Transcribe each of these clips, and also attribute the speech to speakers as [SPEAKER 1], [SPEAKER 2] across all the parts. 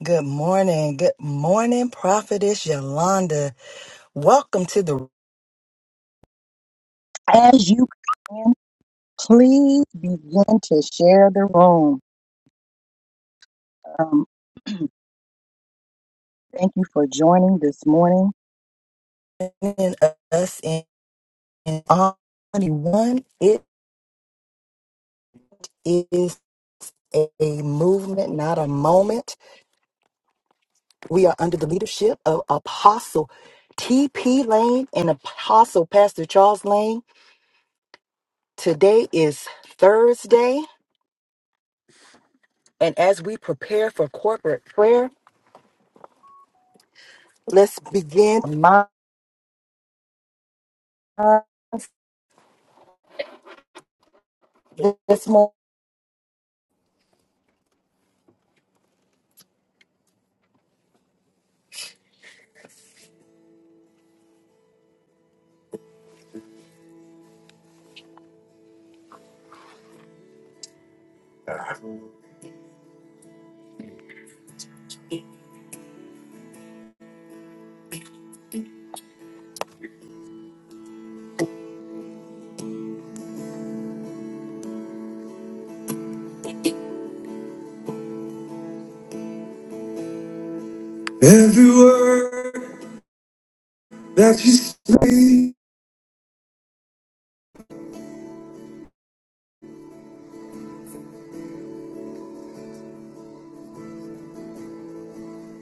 [SPEAKER 1] Good morning. Good morning, Prophetess Yolanda. Welcome to the As you can, please begin to share the room. Um, thank you for joining this morning. in us in on 21. It is a movement, not a moment. We are under the leadership of Apostle TP Lane and Apostle Pastor Charles Lane. Today is Thursday. And as we prepare for corporate prayer, let's begin my this morning. Every word that you speak,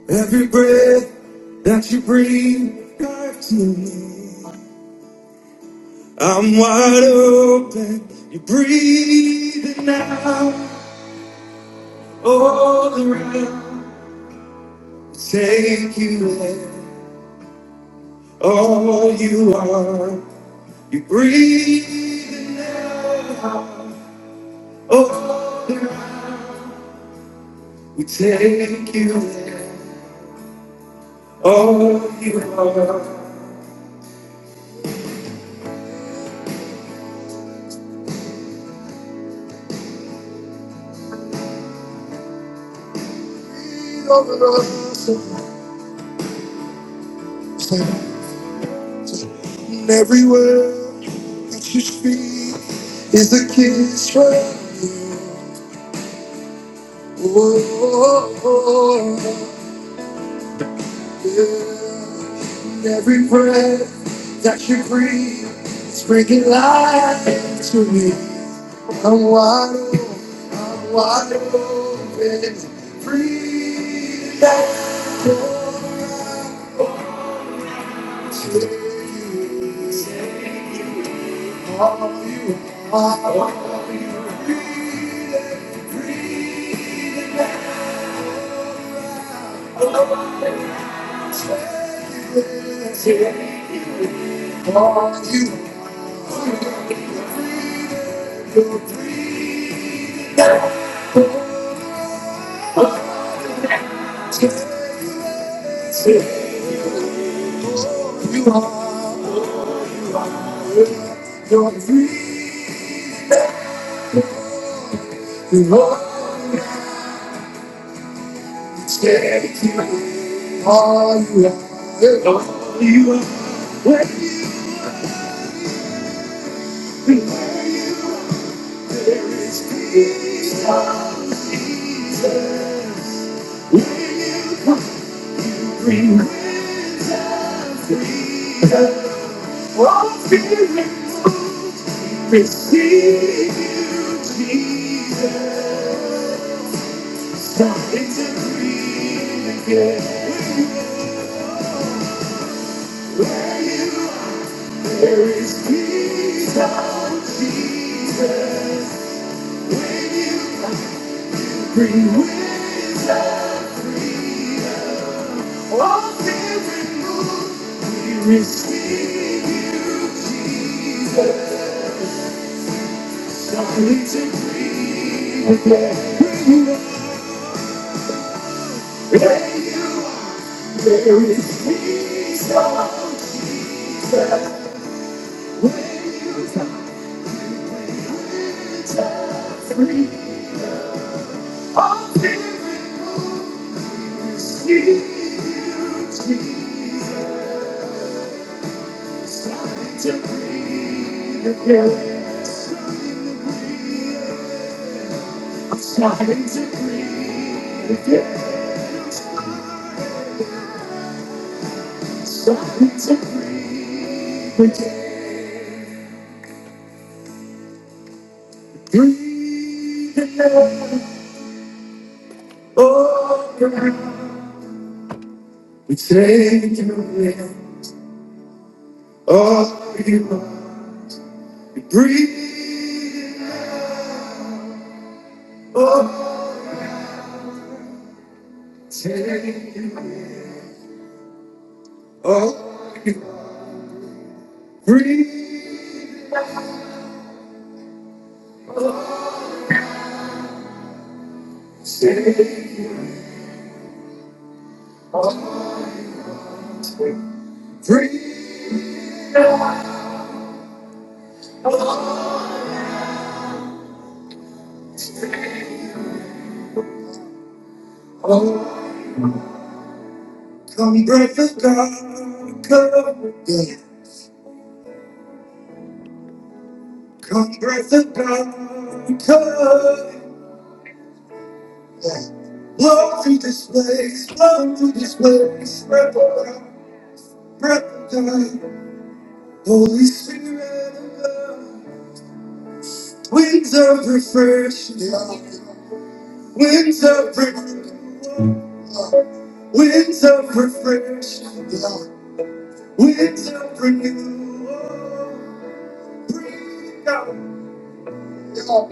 [SPEAKER 1] every breath that you breathe, God to me. I'm wide open. You're breathing out all around. Take you there, all you are. You're breathing out all around. We take you there, all you are. Be over us and everywhere that you speak is a kiss from you. Oh, oh, oh. And every breath that you breathe is bringing life to me. I'm wide open, I'm wide open, free that door I will take you. All you are, all you breathe, breathe. All you take, you are your breath. Take you all you are. All you are. When you are is freedom. Freedom. Oh, removed. Receive you, Jesus. Come to breathe again. Where you are, there is peace, freedom, Jesus. Free winds of freedom. All fear removed. We receive you, Jesus. Only to free. When you- there is peace, oh Jesus. when you are, winds of freedom. All fear removed. We receive you, Jesus. Only to free. Starting to breathe, yeah. Starting to breathe, breathe again. Oh, God, we take you in. Oh, you are. We breathe. Oh, take you in. Oh, you are. Breathe. Take you in. Breathe. Come, breath of God. Come. again. Come breath of God, come. Blow through this place, blow through this place. Breath of God, breath of God. Holy Spirit of God. Winds of refreshment, winds of renewal, winds of refreshment, winds of renewal. Breathe out,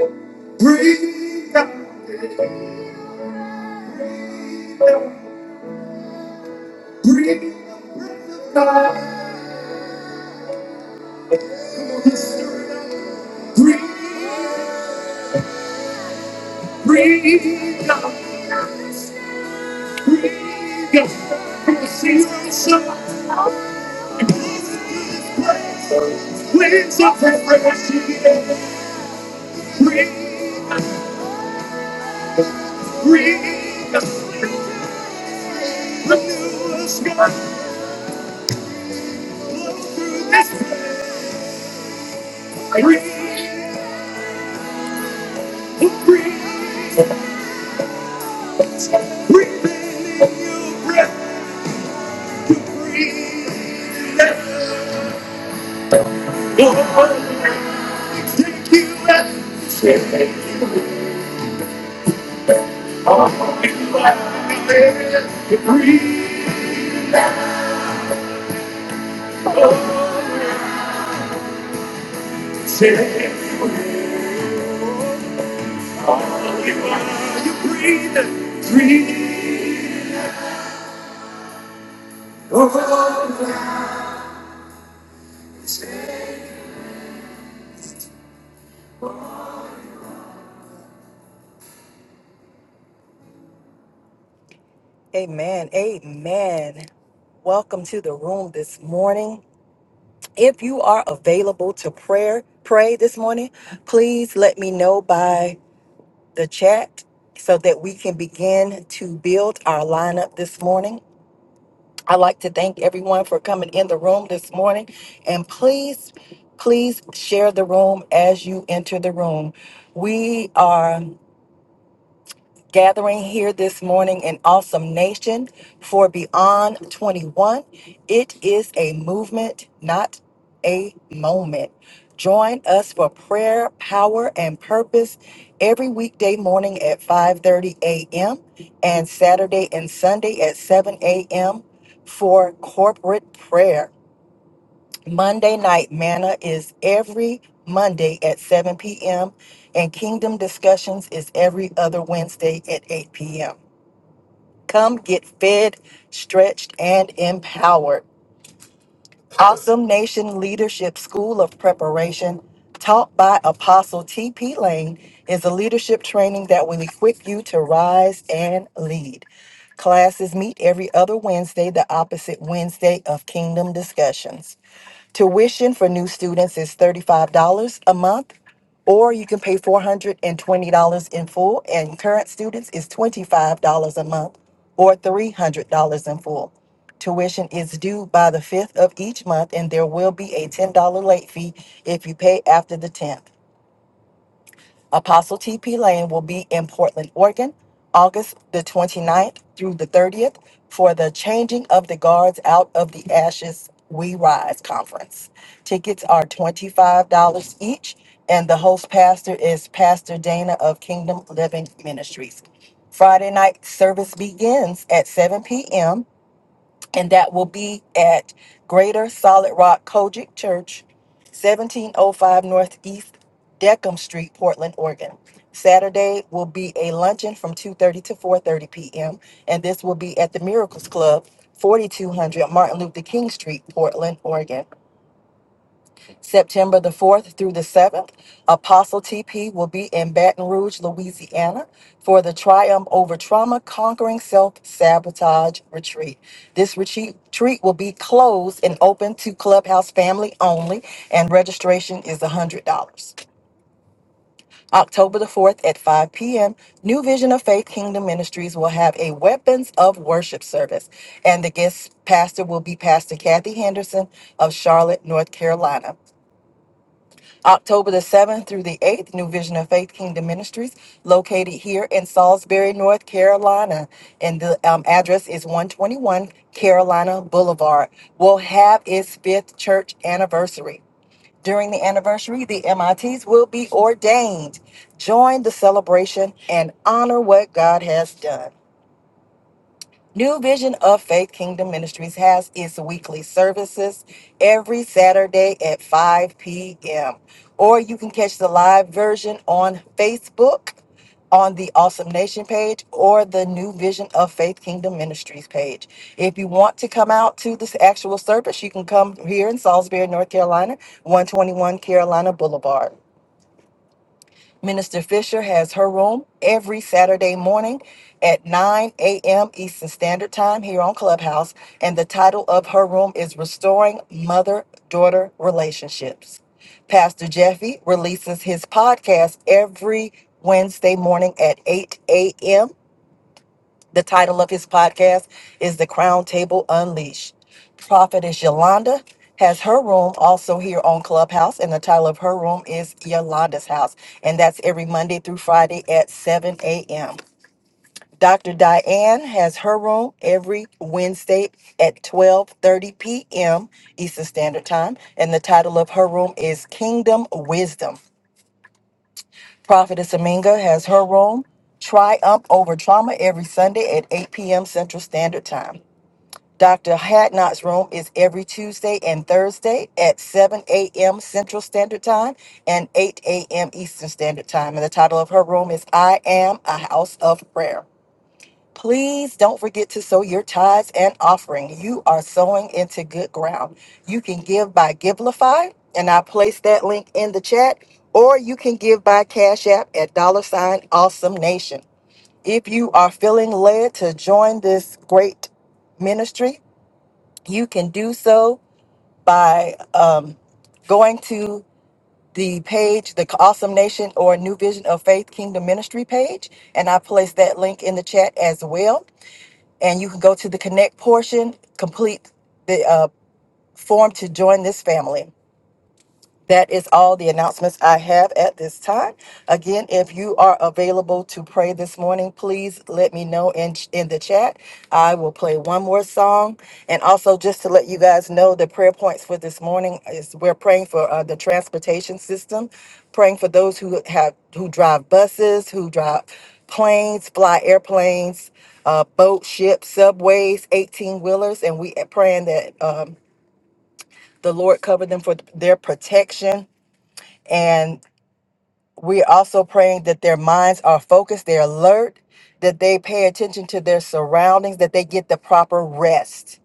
[SPEAKER 1] breathe out, breathe out. Breathe, God. Breathe, breathe, God. Breathe, God. See you Winds of fresh air. Breathe, breathe, God. Renew us, God. This breathe, breathe, breathe, breathe, breathe. Your word is take you and say, oh, you are the breathe, say, oh, you are breathe, breathe, oh, Amen. Amen. Welcome to the room this morning. If you are available to prayer, pray this morning, please let me know by the chat so that we can begin to build our lineup this morning. I'd like to thank everyone for coming in the room this morning. And please, please share the room as you enter the room. We are gathering here this morning in Awesome Nation for Beyond 21. It is a movement, not a moment. Join us for prayer, power, and purpose every weekday morning at 5:30 a.m. and Saturday and Sunday at 7 a.m. for corporate prayer. Monday Night Manna is every Monday at 7 p.m., and Kingdom Discussions is every other Wednesday at 8 p.m. Come get fed, stretched, and empowered. Awesome Nation Leadership School of Preparation, taught by Apostle T.P. Lane, is a leadership training that will equip you to rise and lead. Classes meet every other Wednesday, the opposite Wednesday of Kingdom Discussions. Tuition for new students is $35 a month, or you can pay $420 in full, and current students is $25 a month or $300 in full. Tuition is due by the 5th of each month, and there will be a $10 late fee if you pay after the 10th. Apostle TP Lane will be in Portland, Oregon, August the 29th through the 30th for the Changing of the Guards Out of the Ashes We Rise conference. Tickets are $25 each, and the host pastor is Pastor Dana of Kingdom Living Ministries. Friday night service begins at 7 p.m and that will be at Greater Solid Rock Kojic Church, 1705 Northeast Deckham Street, Portland, Oregon. Saturday will be a luncheon from 2:30 to 4:30 p.m. and this will be at the Miracles Club, 4200 Martin Luther King Street, Portland, Oregon. September the 4th through the 7th, Apostle TP will be in Baton Rouge, Louisiana for the Triumph Over Trauma Conquering Self Sabotage Retreat. This retreat retreat will be closed and open to Clubhouse family only, and registration is $100. October the 4th at 5 p.m., New Vision of Faith Kingdom Ministries will have a Weapons of Worship service. And the guest pastor will be Pastor Kathy Henderson of Charlotte, North Carolina. October the 7th through the 8th, New Vision of Faith Kingdom Ministries, located here in Salisbury, North Carolina. And the um, address is 121 Carolina Boulevard. Will have its fifth church anniversary. During the anniversary, the MITs will be ordained. Join the celebration and honor what God has done. New Vision of Faith Kingdom Ministries has its weekly services every Saturday at 5 p.m. Or you can catch the live version on Facebook on the Awesome Nation page or the New Vision of Faith Kingdom Ministries page. If you want to come out to this actual service, you can come here in Salisbury, North Carolina, 121 Carolina Boulevard. Minister Fisher has her room every Saturday morning at 9 a.m. Eastern Standard Time here on Clubhouse. And the title of her room is Restoring Mother Daughter Relationships. Pastor Jeffy releases his podcast every Wednesday morning at 8 a.m. The title of his podcast is The Crown Table Unleashed. Prophetess Yolanda has her room also here on Clubhouse, and the title of her room is Yolanda's House. And that's every Monday through Friday at 7 a.m. Dr. Diane has her room every Wednesday at 12:30 p.m. Eastern Standard Time, and the title of her room is Kingdom Wisdom. Prophetess Aminga has her room, Triumph Over Trauma, every Sunday at 8 p.m. Central Standard Time. Dr. Hadnot's room is every Tuesday and Thursday at 7 a.m. Central Standard Time and 8 a.m. Eastern Standard Time. And the title of her room is I Am a House of Prayer. Please don't forget to sow your tithes and offering. You are sowing into good ground. You can give by Givelify, and I placed that link in the chat, or you can give by Cash App at dollar sign awesome nation. If you are feeling led to join this great ministry, you can do so by um, going to the page, the Awesome Nation or New Vision of Faith Kingdom Ministry page, and I placed that link in the chat as well and you can go to the connect portion, complete the uh, form to join this family. That is all the announcements I have at this time. Again, if you are available to pray this morning, please let me know in in the chat. I will play one more song, and also just to let you guys know, the prayer points for this morning is we're praying for uh, the transportation system, praying for those who have who drive buses, who drive planes, fly airplanes, uh, boat, ships, subways, eighteen wheelers, and we uh, praying that um, the Lord cover them for their protection and we're also praying that their minds are focused, they're alert, that they pay attention to their surroundings, that they get the proper rest.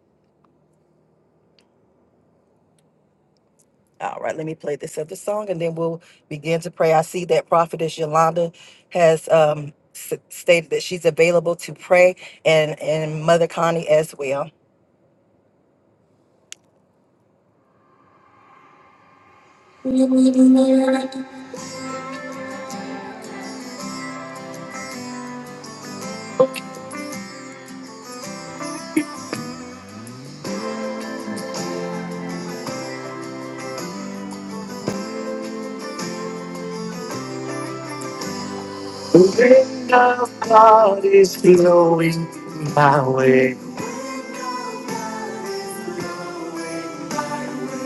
[SPEAKER 1] All right, let me play this other song and then we'll begin to pray. I see that Prophetess Yolanda has um, s- stated that she's available to pray and, and Mother Connie as well. The wind of God is blowing my way.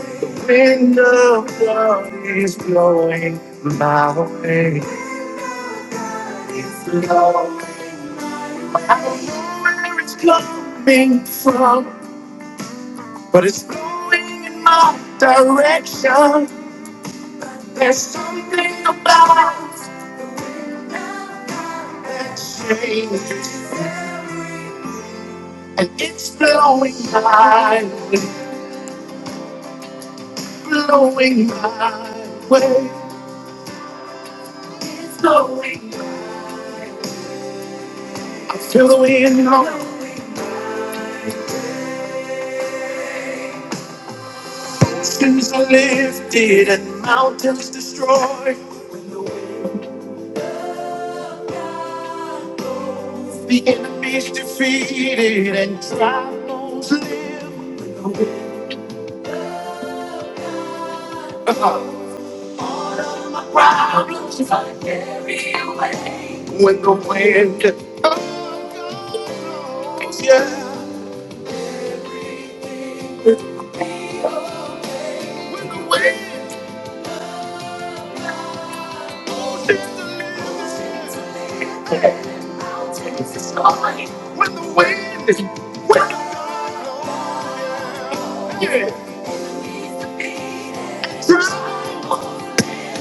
[SPEAKER 1] The wind of God is blowing my way. I don't know where it's coming from, but it's blowing in my direction. There's something about that change, and it's blowing my way, blowing my way. It's blowing. I feel the wind on. Since I lifted and mountains destroyed, the enemy's defeated and trials live. When the wind blows, yeah. When the wind blows in the sky. When the wind, when the wind, when the wind blows.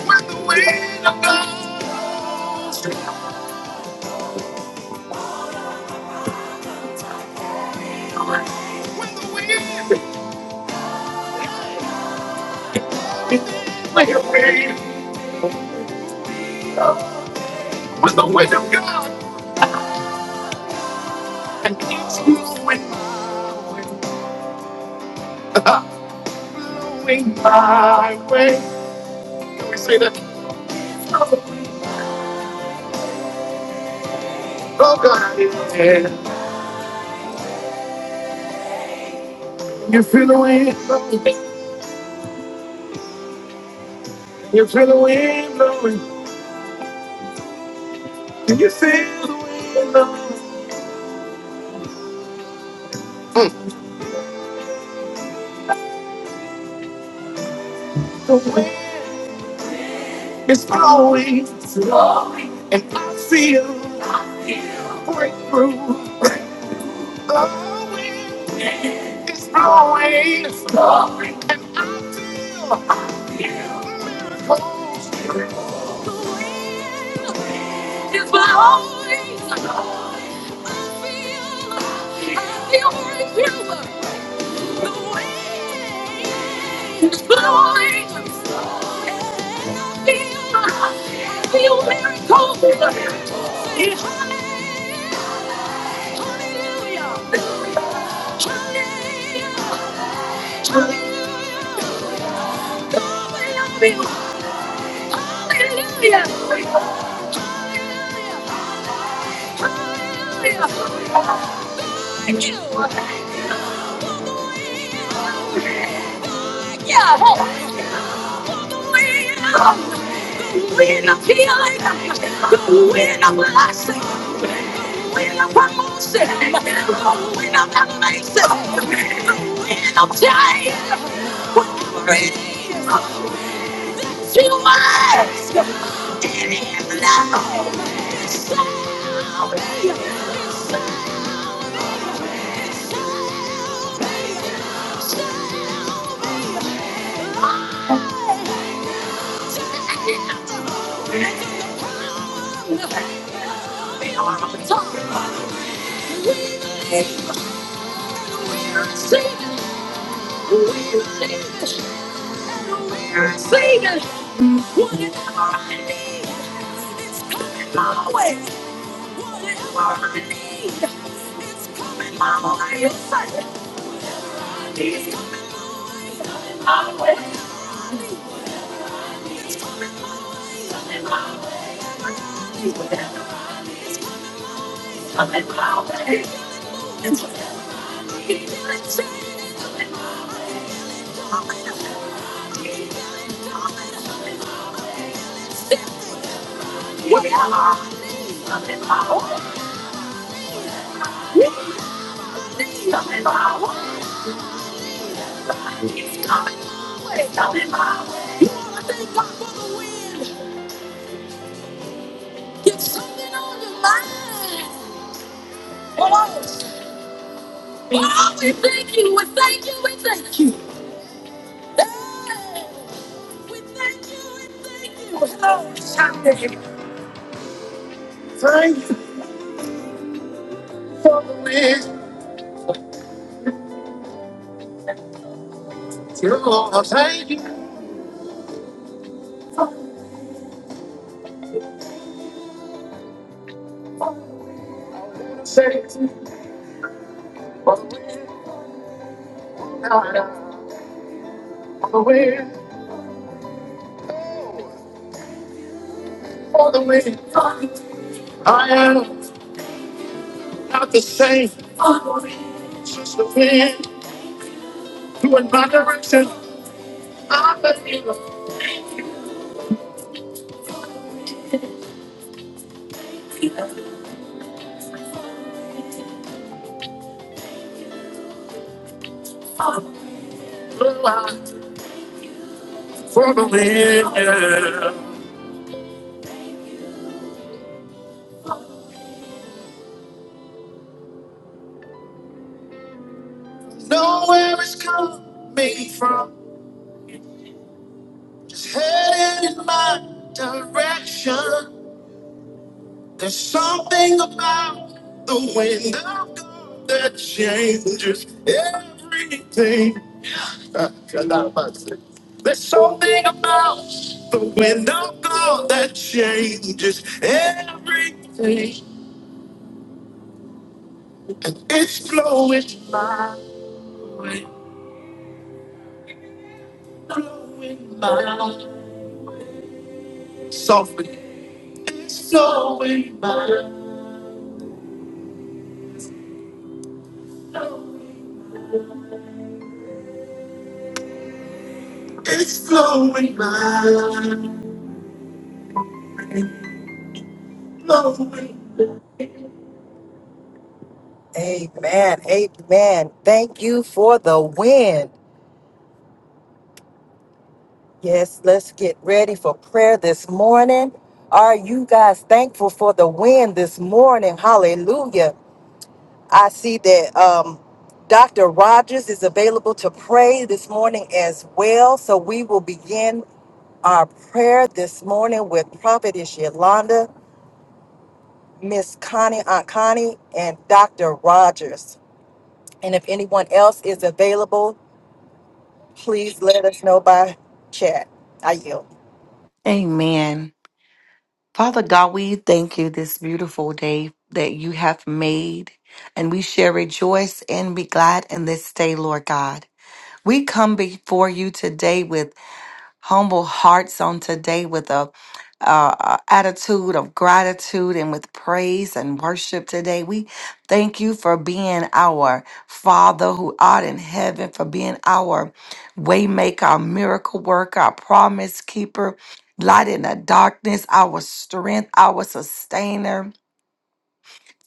[SPEAKER 1] When the wind, like a wave. When the wind of God and keeps blowing my way. Blowing my way. Can we say that? Oh, God, yeah. You feel the wind blowing. You feel the wind blowing. Do you feel the wind blowing? The wind is blowing. Blowing. And I feel I feel breakthrough. The wind is blowing. It's blowing. And I feel I feel miracles. The wind is blowing. blowing. I feel, I feel breakthrough. Yeah, wind of the wind of elevation, the wind We are on top. We're receiving. We're receiving. we Whatever I need, Whatever I need, Mama, I am certain. He's coming my my way. It's We are I'm in power. I'm in power. It's coming my way. I'm in power. You wanna Thank you for the win. wind. Thank you. We Thank you. We thank you. Hey. We thank you. We thank you. Hello, Sunday. Thank you for the win. You're going to thank you. Say it. the wind, for the wind. I am not the same. It's just the wind doing my direction. I believe a blue eye for the wind. Yeah. Nowhere it's coming from. Just headed in my direction. There's something about the wind of God that changes everything. There's something about the wind of God that changes everything. And it's blowing by, blowing by, softly. It's flowing by, it's flowing by, flowing. Amen, amen. Thank you for the wind. Yes, let's get ready for prayer this morning. Are you guys thankful for the wind this morning? Hallelujah. I see that um, Dr. Rogers is available to pray this morning as well. So we will begin our prayer this morning with Prophetess Yolanda, Miss Connie, Aunt Connie, and Dr. Rogers. And if anyone else is available, please let us know by chat. I yield.
[SPEAKER 2] Amen. Father God, we thank you this beautiful day that you have made, and we shall rejoice and be glad in this day, Lord God. We come before you today with humble hearts on today with a, uh attitude of gratitude and with praise and worship today. We thank you for being our Father who art in heaven, for being our waymaker, our miracle worker, our promise keeper, light in the darkness, our strength, our sustainer.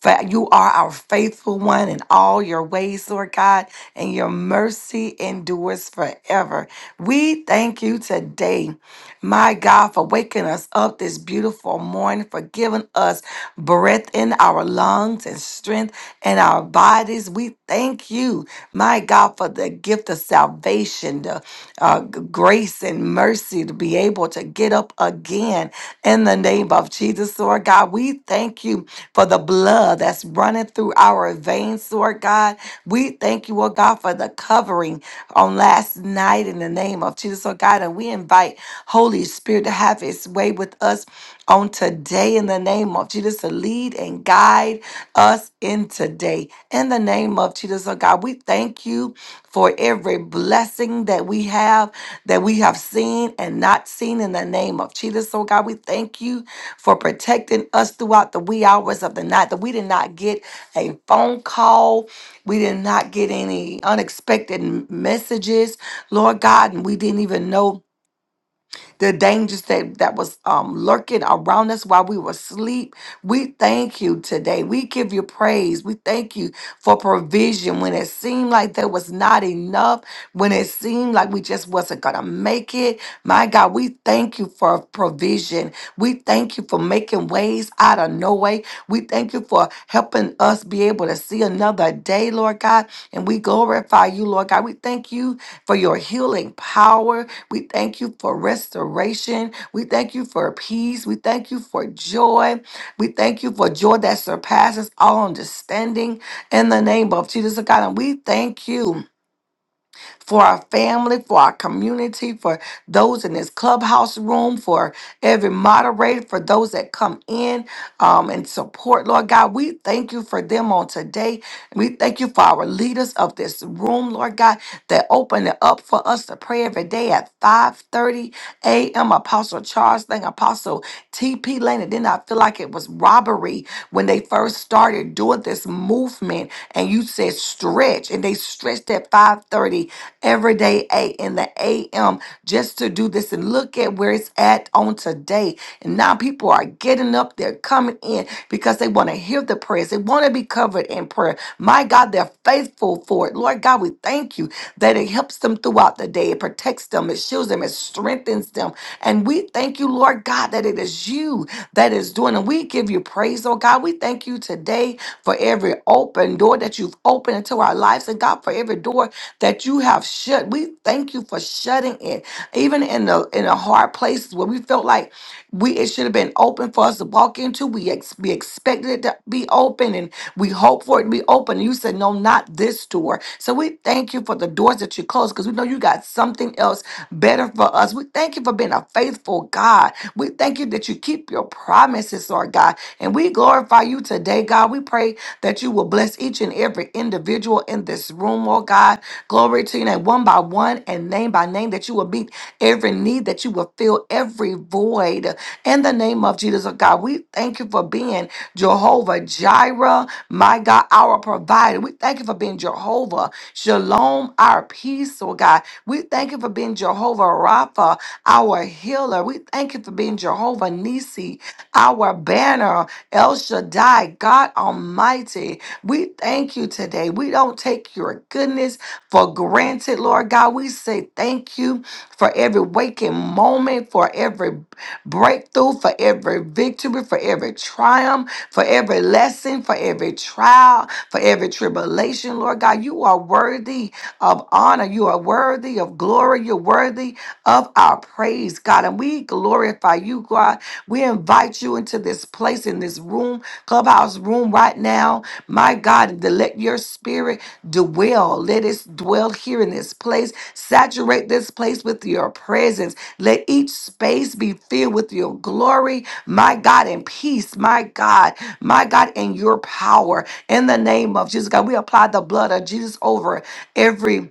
[SPEAKER 2] Fa- You are our faithful one in all your ways, Lord God, and your mercy endures forever. We thank you today my God, for waking us up this beautiful morning, for giving us breath in our lungs and strength in our bodies. We thank you, my God, for the gift of salvation, the uh, g- grace and mercy to be able to get up again in the name of Jesus, Lord God. We thank you for the blood that's running through our veins, Lord God. We thank you, Lord God, for the covering on on last night in the name of Jesus, oh God. And we invite Holy Spirit to have His way with us on today in the name of Jesus to lead and guide us in today. In the name of Jesus, oh God, we thank you for every blessing that we have, that we have seen and not seen in the name of Jesus, oh God. We thank you for protecting us throughout the wee hours of the night that we did not get a phone call we did not get any unexpected m- messages, Lord God, and we didn't even know the dangers that, that was um, lurking around us while we were asleep. We thank you today. We give you praise. We thank you for provision when it seemed like there was not enough, when it seemed like we just wasn't going to make it. My God, we thank you for provision. We thank you for making ways out of no way. We thank you for helping us be able to see another day, Lord God. And we glorify you, Lord God. We thank you for your healing power. We thank you for restoration. We thank you for peace. We thank you for joy. We thank you for joy that surpasses all understanding in the name of Jesus God. And we thank you for our family, for our community, for those in this clubhouse room, for every moderator, for those that come in um, and support, Lord God. We thank you for them on today. We thank you for our leaders of this room, Lord God, that open it up for us to pray every day at 5.30 a.m. Apostle Charles Lane, Apostle T.P. Lane. It did not feel like it was robbery when they first started doing this movement. And you said stretch, and they stretched at 5.30 every day eight in the a.m. just to do this and look at where it's at on today. And now people are getting up, they're coming in because they want to hear the prayers. They want to be covered in prayer. My God, they're faithful for it. Lord God, we thank you that it helps them throughout the day. It protects them, it shields them, it strengthens them. And we thank you, Lord God, that it is you that is doing. And we give you praise, oh God. We thank you today for every open door that you've opened into our lives. And God, for every door that you have shut. We thank you for shutting it. Even in the in the hard places where we felt like we it should have been open for us to walk into. We ex, we expected it to be open, and we hope for it to be open. And you said, no, not this door. So we thank you for the doors that you closed because we know you got something else better for us. We thank you for being a faithful God. We thank you that you keep your promises, Lord God. And we glorify you today, God. We pray that you will bless each and every every individual in this room, oh God. Glory to you, name, one by one and name by name, that you will meet every need, that you will fill every void. In the name of Jesus, oh God, we thank you for being Jehovah Jireh, my God, our provider. We thank you for being Jehovah Shalom, our peace, oh God. We thank you for being Jehovah Rapha, our healer. We thank you for being Jehovah Nisi, our banner, El Shaddai, God Almighty. We thank you today. We don't take your goodness for granted, Lord God. We say thank you for every waking moment, for every breakthrough, for every victory, for every triumph, for every lesson, for every trial, for every tribulation, Lord God. You are worthy of honor. You are worthy of glory. You're worthy of our praise, God. And we glorify you, God. We invite you into this place, in this room, clubhouse room right now. My God, and to let your spirit dwell. Let us dwell here in this place. Saturate this place with your presence. Let each space be filled with your glory, my God, and peace, my God, my God, and your power. In the name of Jesus, God, we apply the blood of Jesus over every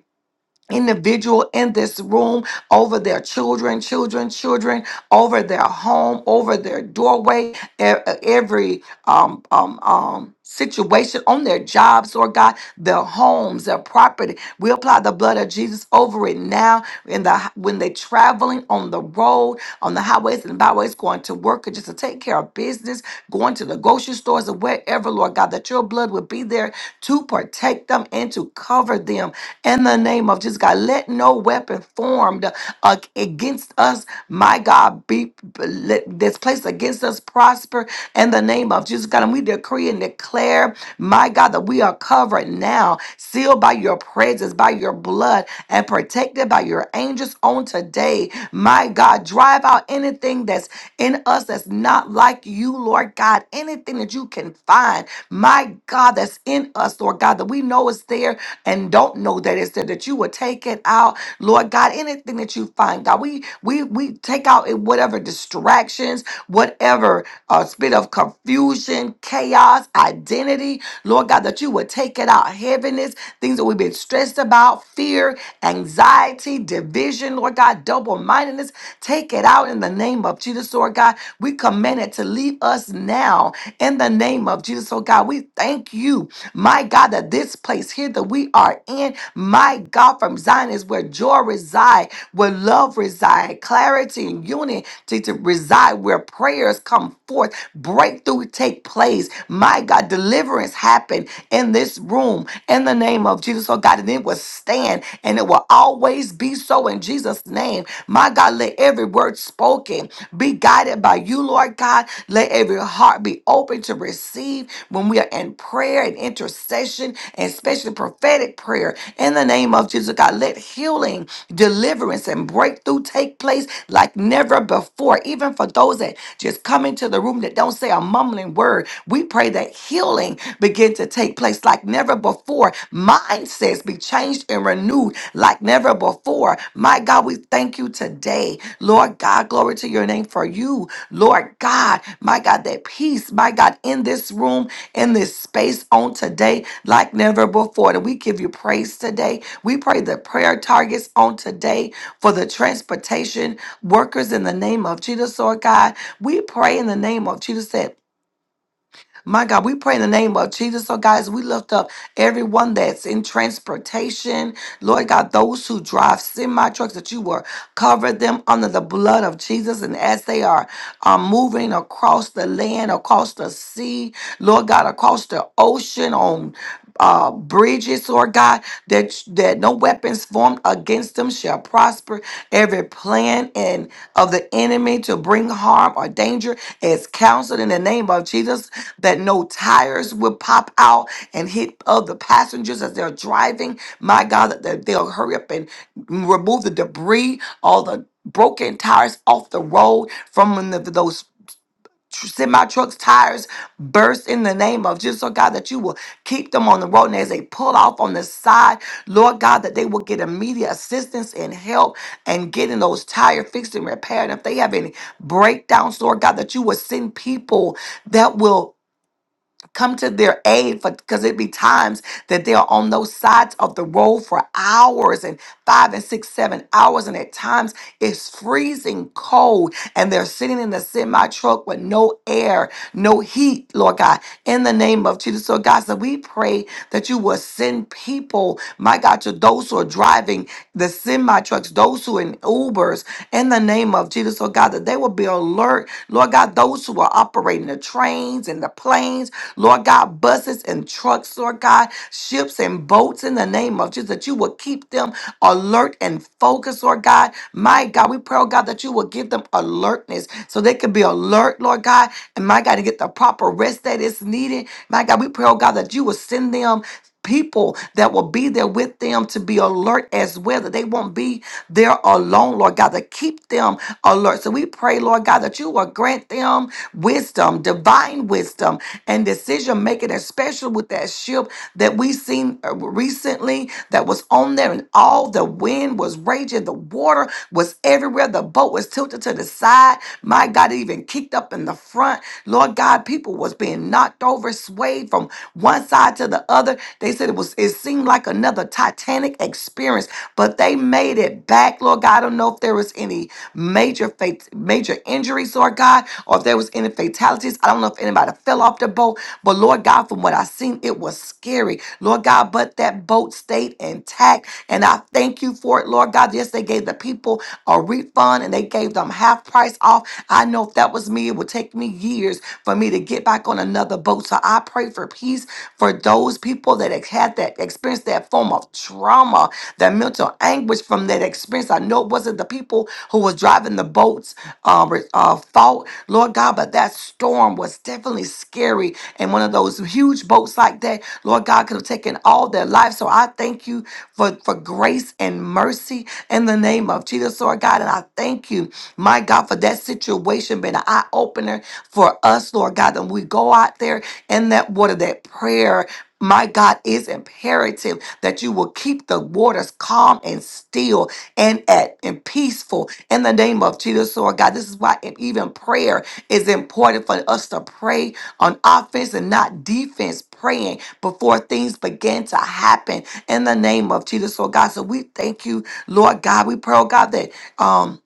[SPEAKER 2] individual in this room over their children, children, children, over their home, over their doorway, e- every um, um, um, situation on their jobs, Lord God, their homes, their property. We apply the blood of Jesus over it now in the when they're traveling on the road, on the highways and byways, going to work or just to take care of business, going to the grocery stores or wherever, Lord God, that your blood would be there to protect them and to cover them in the name of Jesus, God. Let no weapon formed uh, against us, my God, be let, that's placed against us prosper in the name of Jesus, God. And we decree and declare, my God, that we are covered now, sealed by your presence, by your blood, and protected by your angels on today. My God, drive out anything that's in us that's not like you, Lord God. Anything that you cannot can find, my God, that's in us, Lord God, that we know is there and don't know that it's there, that you will take it out, Lord God, anything that you find, God, we we we take out in whatever distractions, whatever uh, spirit of confusion, chaos, identity, Lord God, that you would take it out, heaviness, things that we've been stressed about, fear, anxiety, division, Lord God, double mindedness, take it out in the name of name of Jesus, Lord God. We command it to leave us now in the name of Jesus, Lord God. We thank you, my God, that this place here that we are in, my God, from Zion is where joy resides, where love resides, clarity and unity to reside, where prayers come forth, breakthrough take place. My God, deliverance happen in this room in the name of Jesus, Lord God, and it will stand and it will always always be so in Jesus' name. My God, let every word spoken be guided by you, Lord God. Let every heart be open to receive when we are in prayer and intercession, and especially prophetic prayer. In the name of Jesus, God, let healing, deliverance, and breakthrough take place like never before. Even for those that just come into the room that don't say a mumbling word, we pray that healing begin to take place like never never before. Mindsets be changed and renewed like never before. My God, we thank you today. Lord God, glory to your name for you. Lord God, my God, that peace, my God, in this room, in this space on today like never before. And we give you praise today. We pray the prayer targets on today for the transportation workers in the name of Jesus, Lord God. We pray in the name of Jesus that my God, we pray in the name of Jesus. So, guys, we lift up everyone that's in transportation. Lord God, those who drive semi trucks that you were Cover them under the blood of Jesus. And as they are, are moving across the land, across the sea, Lord God, across the ocean, on uh, bridges, Lord God, that, that no weapons formed against them shall prosper. Every plan and of the enemy to bring harm or danger is counseled in the name of Jesus, that no tires will pop out and hit other passengers as they're driving. My God, that they- they'll hurry up and remove the debris all the broken tires off the road from when the, those tr- semi trucks tires burst in the name of Jesus, oh God, that you will keep them on the road. And as they pull off on the side, Lord God, that they will get immediate assistance and help and getting those tires fixed and repaired. And if they have any breakdowns, Lord God, that you will send people that will come to their aid for because it be times that they're on those sides of the road for hours and five and six seven hours and at times it's freezing cold and they're sitting in the semi truck with no air no heat lord god in the name of jesus so god so we pray that you will send people my god to those who are driving the semi trucks those who are in ubers in the name of jesus so god that they will be alert lord god those who are operating the trains and the planes Lord God, buses and trucks, Lord God, ships and boats in the name of Jesus, that you will keep them alert and focused, Lord God. My God, we pray, oh God, that you will give them alertness so they can be alert, Lord God. And my God, to get the proper rest that is needed. My God, we pray, oh God, that you will send them people that will be there with them to be alert as well, that they won't be there alone, Lord God, to keep them alert. So we pray, Lord God, that you will grant them wisdom, divine wisdom, and decision making, especially with that ship that we seen uh, recently that was on there, and all the wind was raging, the water was everywhere, the boat was tilted to the side. My God. God, even kicked up in the front. Lord God, people was being knocked over, swayed from one side to the other. They said it was it seemed like another Titanic experience, but they made it back. Lord God, I don't know if there was any major fate, major injuries, Lord God, or if there was any fatalities. I don't know if anybody fell off the boat, but Lord God, from what I seen, it was scary. Lord God, but that boat stayed intact intact. And I thank you for it, Lord God. Yes, they gave the people a refund and they gave them half price off. I know if that was me, it would take me years for me to get back on another boat. So I pray for peace for those people that have had that experience, that form of trauma, that mental anguish from that experience. I know it wasn't the people who was driving the boats uh, re- uh, fault, Lord God, but that storm was storm was definitely scary. And one of those huge boats like that, Lord God, could have taken all their lives. So I thank you for, for grace and mercy in the name of Jesus, Lord God. And I thank you, my God, for that situation being an eye opener for us, Lord God. And we go out there in that water, that prayer. My God, is imperative that you will keep the waters calm and still and at and peaceful in the name of Jesus, Lord God. This is why even prayer it's important for us to pray on offense and not defense, praying before things begin to happen in the name of Jesus. So, God, so we thank you, Lord God. We pray, oh God, that um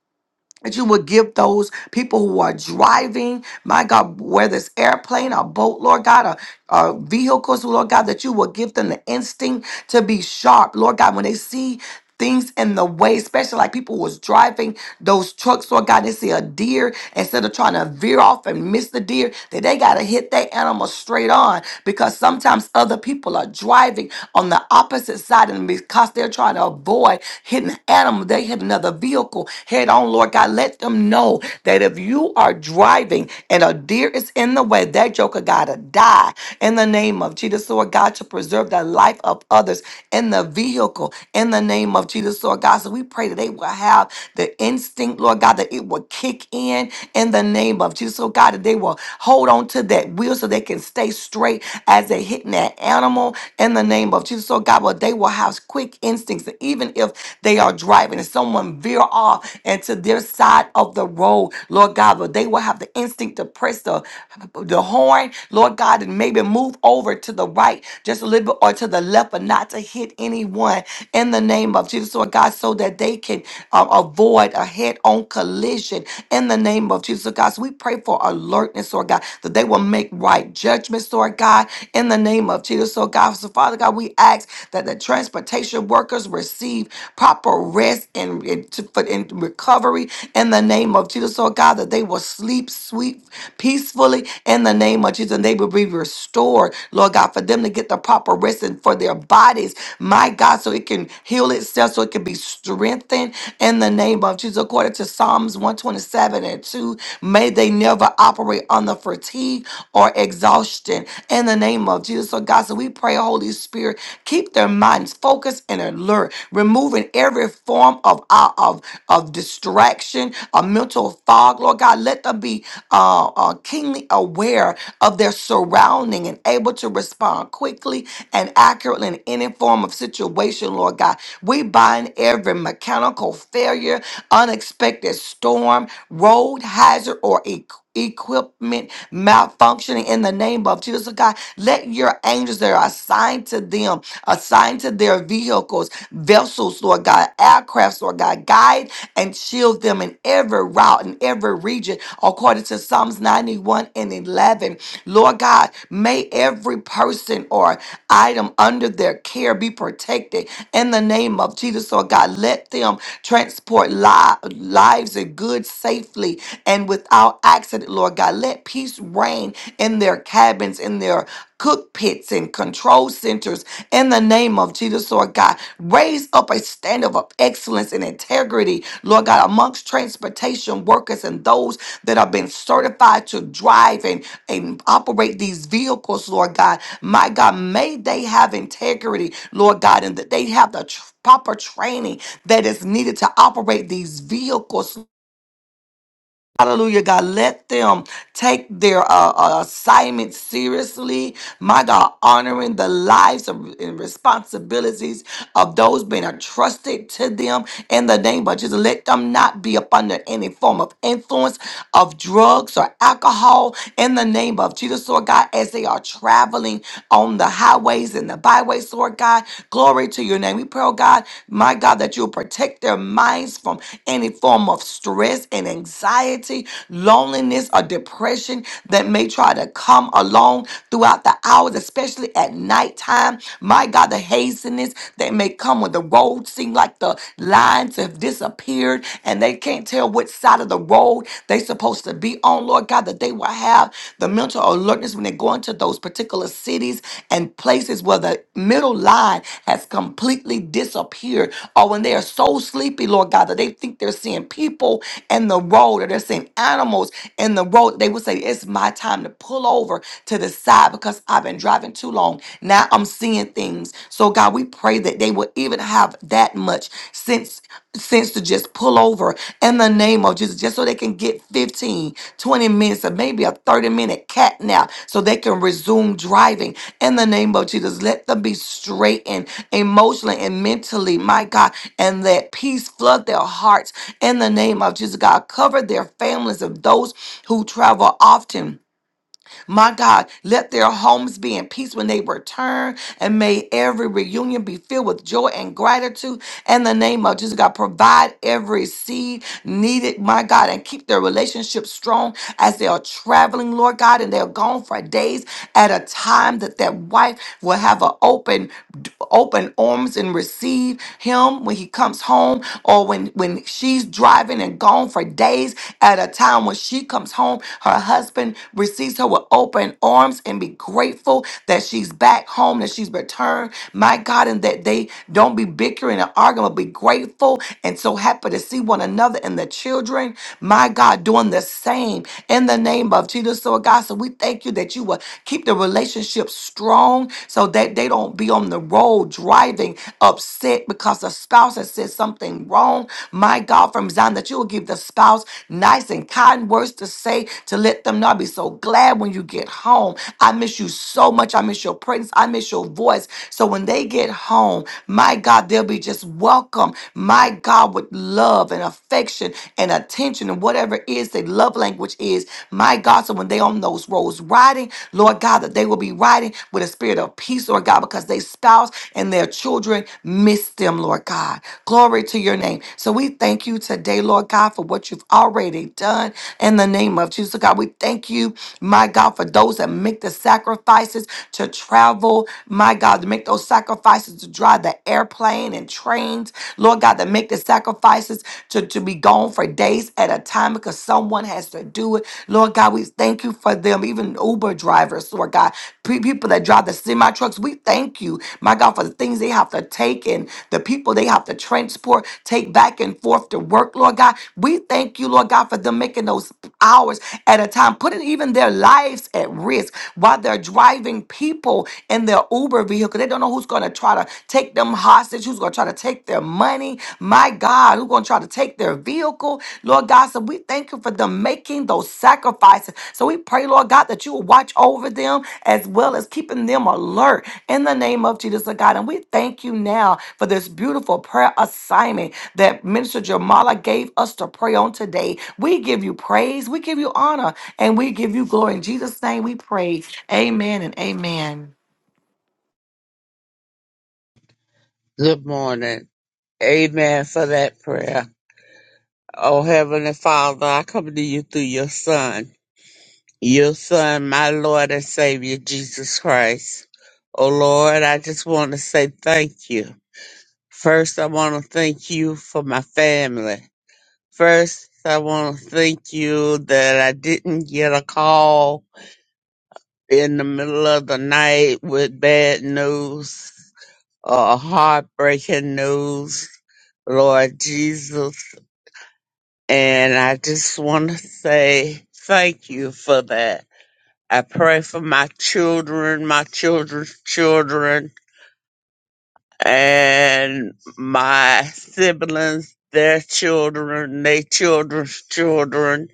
[SPEAKER 2] that you would give those people who are driving, my God, whether it's airplane or boat, Lord God, uh, vehicles, Lord God, that you will give them the instinct to be sharp, Lord God, when they see things in the way, especially like people was driving those trucks, Lord God, they see a deer instead of trying to veer off and miss the deer, that they gotta hit that animal straight on because sometimes other people are driving on the opposite side and because they're trying to avoid hitting an animal, they hit another vehicle head on, Lord God. Let them know that if you are driving and a deer is in the way, that joker gotta die in the name of Jesus, Lord God, to preserve the life of others in the vehicle in the name of Jesus, Lord God. So we pray that they will have the instinct, Lord God, that it will kick in in the name of Jesus, Lord God, that they will hold on to that wheel so they can stay straight as they're hitting that animal in the name of Jesus, Lord God. But they will have quick instincts, and even if they are driving and someone veer off into their side side of the road, Lord God, but they will have the instinct to press the, the horn, Lord God, and maybe move over to the right just a little bit or to the left, but not to hit anyone in the name of Jesus, Lord God, so that they can um, avoid a head on collision in the name of Jesus, Lord God. So we pray for alertness, Lord God, that they will make right judgments, Lord God, in the name of Jesus, Lord God. So, Father God, we ask that the transportation workers receive proper rest and, and, to, for, and recovery in the name of Jesus, Lord God, that they will sleep sweet, peacefully in the name of Jesus, and they will be restored, Lord God, for them to get the proper rest and for their bodies, my God, so it can heal itself, so it can be strengthened in the name of Jesus. According to Psalms 127 and 2, may they never operate on the fatigue or exhaustion in the name of Jesus. So, God, so we pray, Holy Spirit. Keep their minds focused and alert, removing every form of uh, of of distraction, a mental fog. Lord God, let them be uh, uh, keenly aware of their surrounding and able to respond quickly and accurately in any form of situation. Lord God, we bind every mechanical failure, unexpected storm, road hazard, or equipment equipment malfunctioning in the name of Jesus, oh God. Let your angels that are assigned to them, assigned to their vehicles, vessels, Lord God, aircrafts, Lord God, guide and shield them in every route, in every region, according to Psalms 91 and 11. Lord God, may every person or item under their care be protected in the name of Jesus, Lord God. Let them transport li- lives and goods safely safely and without accident, Lord God. Let peace reign in their cabins, in their cook pits and control centers in the name of Jesus, Lord God. Raise up a standard of excellence and integrity, Lord God, amongst transportation workers and those that have been certified to drive and, and operate these vehicles, Lord God. My God, may they have integrity, Lord God, and that they have the tr- proper training that is needed to operate these vehicles, Hallelujah, God. Let them take their uh, uh, assignment seriously. My God, honoring the lives of, and responsibilities of those being entrusted to them in the name of Jesus. Let them not be up under any form of influence of drugs or alcohol in the name of Jesus, Lord God, as they are traveling on the highways and the byways, Lord God. Glory to your name. We pray, oh God, my God, that you'll protect their minds from any form of stress and anxiety, loneliness, or depression that may try to come along throughout the hours, especially at nighttime. My God, the haziness that may come when the road seem like the lines have disappeared and they can't tell which side of the road they're supposed to be on on, Lord God, that they will have the mental alertness when they go into those particular cities and places where the middle line has completely disappeared, or when they are so sleepy, Lord God, that they think they're seeing people in the road or they're seeing animals in the road. They will say, It's my time to pull over to the side because I've been driving too long. Now I'm seeing things. So, God, we pray that they will even have that much sense sense to just pull over in the name of Jesus, just so they can get 15, 20 minutes, or maybe a 30 minute cat nap, so they can resume driving in the name of Jesus. Let them be straightened emotionally and mentally, my God, and let peace flood their hearts in the name of Jesus. God, cover their families of those who travel often my God, let their homes be in peace when they return, and may every reunion be filled with joy and gratitude. In the name of Jesus, God, provide every seed needed, my God, and keep their relationship strong as they are traveling, Lord God, and they're gone for days at a time that that wife will have an open open arms and receive him when he comes home or when when she's driving and gone home for days at a time. When she comes home, her husband receives her with open arms and be grateful that she's back home, that she's returned. My God, and that they don't be bickering and arguing, but be grateful and so happy to see one another and the children. My God, doing the same in the name of Jesus. So, God, so we thank you that you will keep the relationship strong so that they don't be on the road driving up upset because the spouse has said something wrong, my God, from Zion, that you will give the spouse nice and kind words to say to let them know. I'll be so glad when you get home. I miss you so much. I miss your presence. I miss your voice. So when they get home, my God, they'll be just welcome, my God, with love and affection and attention and whatever it is that love language is, my God. So when they on those roads riding, Lord God, that that they will be riding with a spirit of peace, Lord God, because they spouse and their children miss them, Lord God. Glory to your name. So we thank you today, Lord God, for what you've already done in the name of Jesus, God. We thank you, my God, for those that make the sacrifices to travel, my God, to make those sacrifices to drive the airplane and trains, Lord God, that make the sacrifices to, to be gone for days at a time because someone has to do it. Lord God, we thank you for them, even Uber drivers, Lord God, pe- people that drive the semi trucks. We thank you, my God, for the things they have to take and the people they have to transport, take back and forth to work, Lord God. We thank you, Lord God, for them making those hours at a time, putting even their lives at risk while they're driving people in their Uber vehicle. They don't know who's going to try to take them hostage, who's going to try to take their their money. My God, who's going to try to take their vehicle. Lord God, so we thank you for them making those sacrifices. So we pray, Lord God, that you will watch over them as well as keeping them alert in the name of Jesus, oh God. And we thank you now for this beautiful prayer assignment that Minister Jamala gave us to pray on today. We give you praise, we give you honor, and we give you glory. In Jesus' name we pray. Amen and amen.
[SPEAKER 3] Good morning. Amen for that prayer. Oh, Heavenly Father, I come to you through your Son, your Son, my Lord and Savior, Jesus Christ. Oh, Lord, I just want to say thank you. First, I want to thank you for my family. First, I want to thank you that I didn't get a call in the middle of the night with bad news or heartbreaking news. Lord Jesus. And I just want to say thank you for that. I pray for my children, my children's children, and my siblings, their children, their children's children,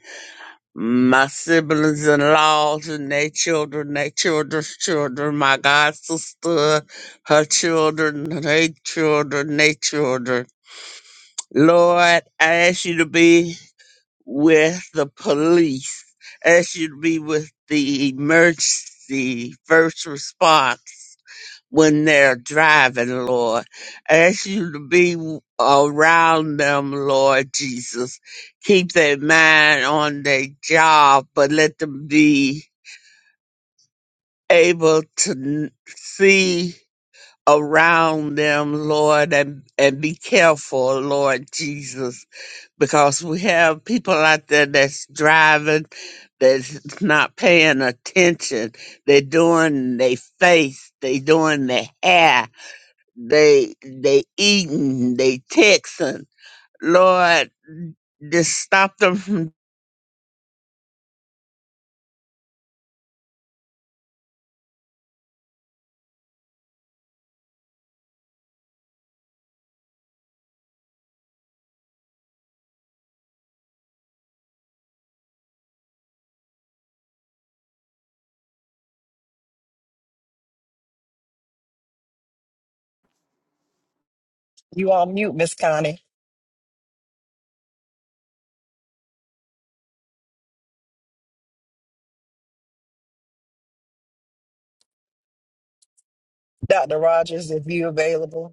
[SPEAKER 3] my siblings in laws and their children, their children's children, my god sister, her children, their children, their children. Lord, I ask you to be with the police as should be with the emergency first response when they're driving, Lord. Ask you to be around them, Lord Jesus. Keep their mind on their job, but let them be able to n- see around them, Lord, and, and be careful, Lord Jesus because we have people out there that's driving, that's not paying attention. They're doing their face, they doing their hair, they they eating, they texting. Lord, just stop them from
[SPEAKER 1] You on mute, Miss Connie. Dr. Rogers, if you available.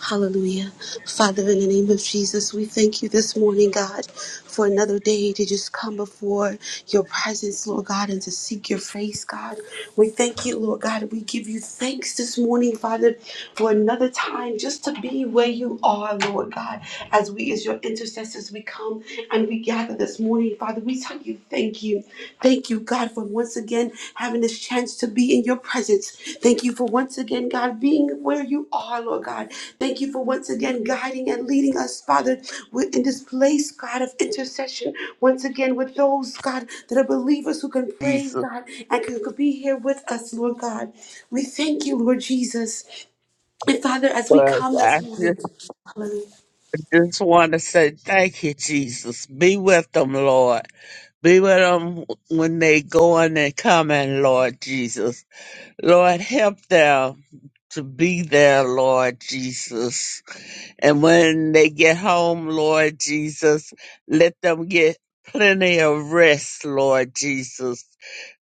[SPEAKER 4] Hallelujah. Father, in the name of Jesus, we thank you this morning, God, for another day to just come before your presence, Lord God, and to seek your face, God. We thank you, Lord God. We give you thanks this morning, Father, for another time just to be where you are, Lord God. As we, as your intercessors, we come and we gather this morning, Father. We tell you Thank you. Thank you, God, for once again having this chance to be in your presence. Thank you for once again, God, being where you are, Lord God. Thank you for once again guiding and leading us, Father, with- in this place, God, of intercession. Once again, with those, God, that are believers who can pray,
[SPEAKER 3] Jesus.
[SPEAKER 4] God, and can can be here with us, Lord God. We thank you, Lord Jesus. And Father, as we
[SPEAKER 3] But
[SPEAKER 4] come this
[SPEAKER 3] I
[SPEAKER 4] morning,
[SPEAKER 3] just,
[SPEAKER 4] hallelujah.
[SPEAKER 3] just want to say thank you, Jesus. Be with them, Lord. Be with them when they going and coming, Lord Jesus Lord, help them to be there, Lord Jesus. And when they get home, Lord Jesus, let them get plenty of rest, Lord Jesus.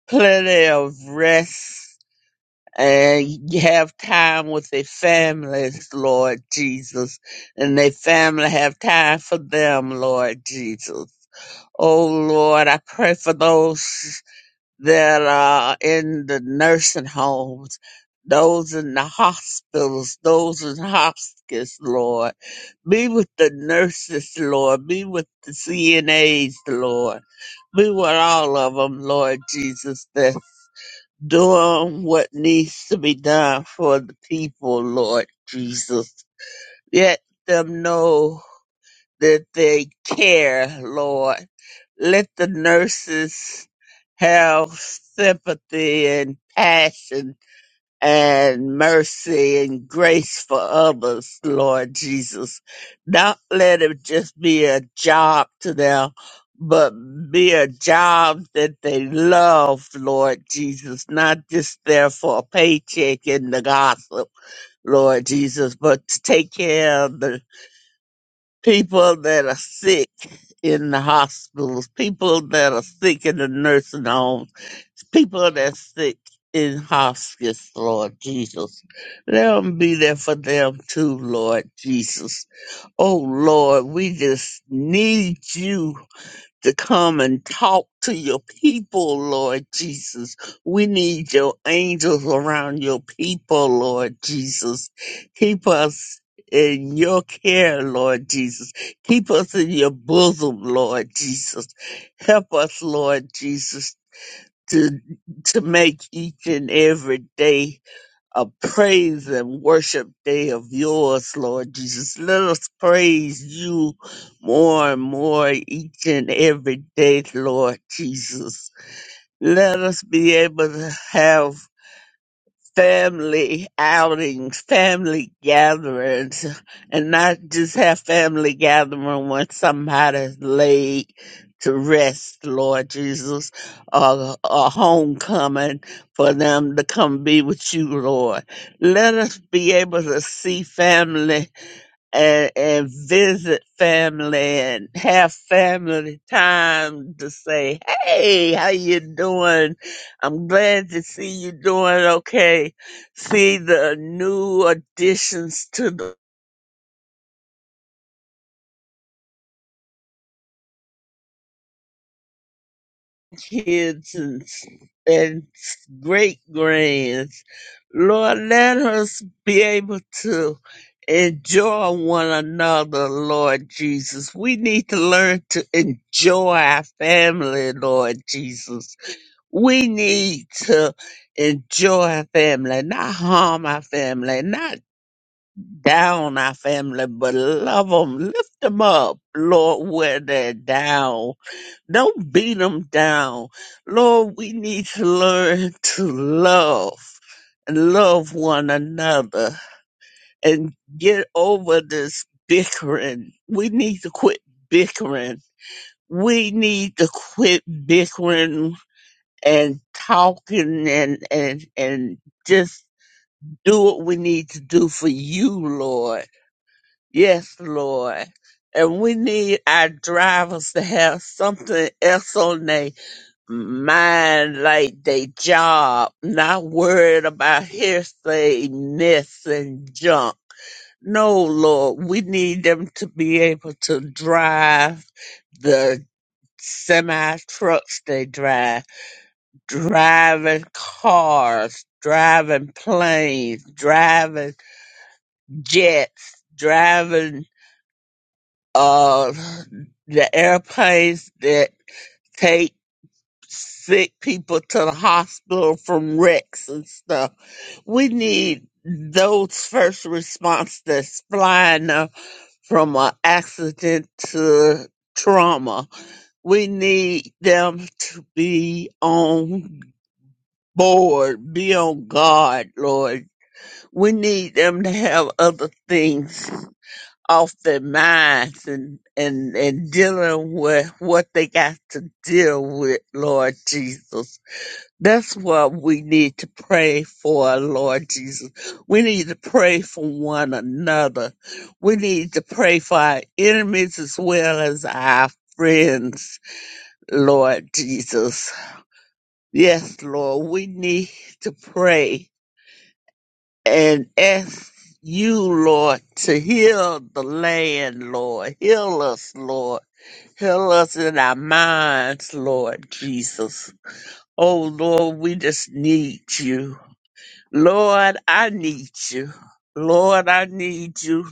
[SPEAKER 3] Plenty of rest. And have time with their families, Lord Jesus. And their family have time for them, Lord Jesus. Oh Lord, I pray for those that are in the nursing homes, those in the hospitals, those in hospice, Lord. Be with the nurses, Lord. Be with the CNAs, Lord. Be with all of them, Lord Jesus, that's doing what needs to be done for the people, Lord Jesus. Let them know that they care, Lord let the nurses have sympathy and passion and mercy and grace for others, Lord Jesus. Not let it just be a job to them, but be a job that they love, Lord Jesus, not just there for a paycheck and the gossip. Lord Jesus, but to take care of the people that are sick in the hospitals, people that are sick in the nursing homes, people that are sick in hospice, Lord Jesus. Let them be there for them too, Lord Jesus. Oh Lord, we just need you to come and talk to your people, Lord Jesus. We need your angels around your people, Lord Jesus. Keep us in your care, Lord Jesus. Keep us in your bosom, Lord Jesus. Help us, Lord Jesus, to to make each and every day a praise and worship day of yours, Lord Jesus. Let us praise you more and more each and every day, Lord Jesus. Let us be able to have family outings, family gatherings, and not just have family gathering when somebody's laid to rest, Lord Jesus, or a homecoming for them to come be with you, Lord. Let us be able to see family and, and visit family and have family time to say, "Hey, how you doing? I'm glad to see you doing okay." See the new additions to the kids and s- and great grands. Lord, let us be able to enjoy one another, Lord Jesus. We need to learn to enjoy our family, Lord Jesus We need to enjoy our family, not harm our family, not down our family, but love them, lift them up, Lord, where they're down. Don't beat them down. Lord, we need to learn to love and love one another and get over this bickering. We need to quit bickering. We need to quit bickering and talking and and and just do what we need to do for you, Lord. Yes, Lord. And we need our drivers to have something else on their mind, like their job, not worried about hearsay, mess, and junk. No, Lord, we need them to be able to drive the semi trucks they drive driving cars, driving planes, driving jets, driving uh the airplanes that take sick people to the hospital from wrecks and stuff. We need those first response that's flying uh, from an accident to trauma. We need them to be on board, be on guard, Lord we need them to have other things off their minds and, and, and dealing with what they got to deal with, Lord Jesus. That's what we need to pray for, Lord Jesus. We need to pray for one another. We need to pray for our enemies as well as our friends, Lord Jesus. Yes, Lord, we need to pray and ask you, Lord, to heal the land, Lord. Heal us, Lord. Heal us in our minds, Lord Jesus. Oh, Lord, we just need you. Lord, I need you. Lord, I need you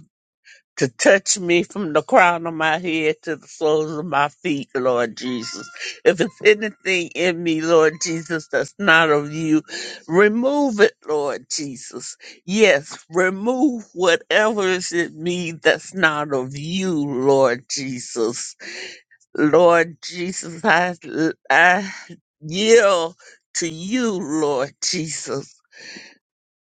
[SPEAKER 3] to touch me from the crown of my head to the soles of my feet, Lord Jesus. If it's anything in me, Lord Jesus, that's not of you, remove it, Lord Jesus. Yes, remove whatever is in me that's not of you, Lord Jesus. Lord Jesus, I, I yield to you, Lord Jesus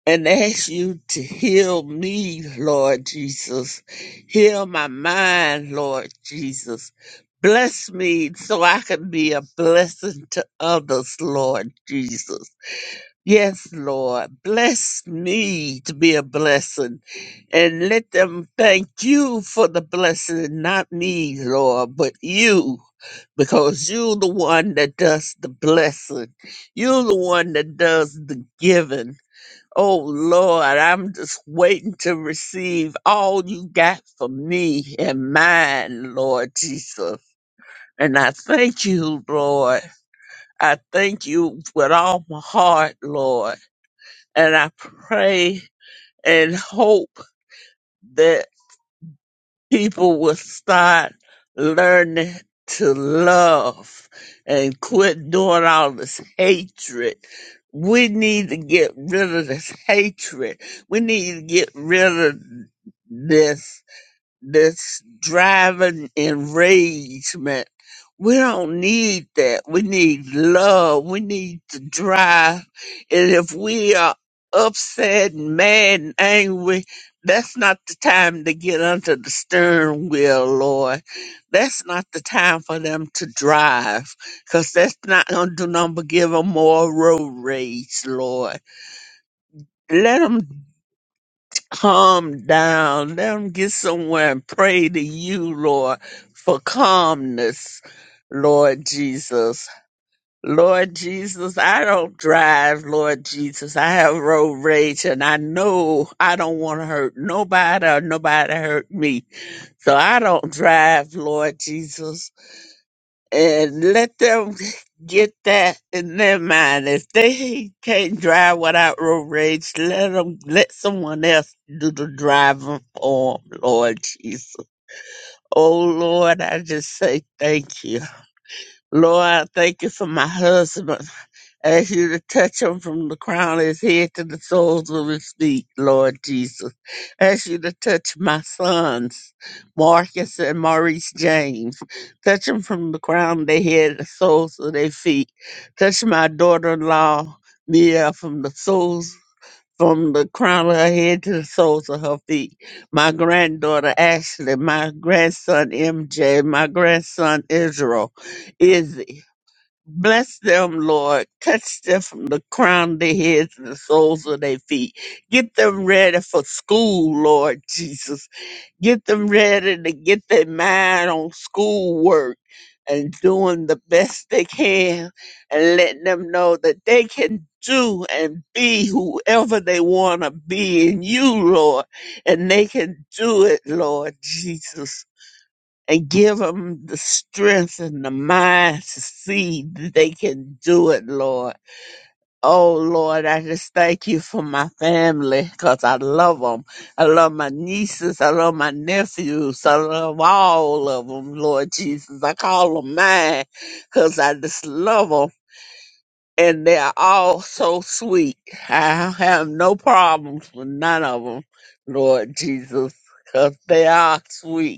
[SPEAKER 3] and ask you to heal me, Lord Jesus. Heal my mind, Lord Jesus. Bless me so I can be a blessing to others, Lord Jesus. Yes, Lord, bless me to be a blessing and let them thank you for the blessing, not me, Lord, but you, because you're the one that does the blessing. You're the one that does the giving. Oh Lord, I'm just waiting to receive all you got for me and mine, Lord Jesus. And I thank you, Lord. I thank you with all my heart, Lord. And I pray and hope that. people will start learning to love and quit doing all this hatred. We need to get rid of this hatred. We need to get rid of this this driving enragement. We don't need that. We need love. We need to drive. And if we are upset and mad and angry, that's not the time to get under the steering wheel, Lord. That's not the time for them to drive, 'cause that's not going to do nothing but give 'em more road rage, Lord. Let 'em calm down. Let them get somewhere and pray to you, Lord, for calmness, Lord Jesus. Lord Jesus, I don't drive, Lord Jesus. I have road rage and I know I don't want to hurt nobody or nobody hurt me. So I don't drive, Lord Jesus and let them get that in their mind. If they can't drive without road rage, let them let someone else do the driving for 'em, Lord Jesus. Oh Lord, I just say thank you. Lord, I thank you for my husband ask you to touch him from the crown of his head to the soles of his feet, Lord Jesus. Ask you to touch my sons, Marcus and Maurice James. Touch them from the crown of their head to the soles of their feet. Touch my daughter-in-law, Mia, from the soles from the crown of her head to the soles of her feet. My granddaughter Ashley, my grandson MJ, my grandson Israel, Izzy. Bless them, Lord. Touch them from the crown of their heads to the soles of their feet. Get them ready for school, Lord Jesus. Get them ready to get their mind on schoolwork and doing the best they can and letting them know that they can do and be whoever they want to be in you, Lord. And they can do it, Lord Jesus and give them the strength and the mind to see that they can do it, Lord. Oh, Lord, I just thank you for my family because I love them. I love my nieces. I love my nephews. I love all of them, Lord Jesus. I call them mine because I just love them. And they're all so sweet. I have no problems with none of them, Lord Jesus, because they are sweet.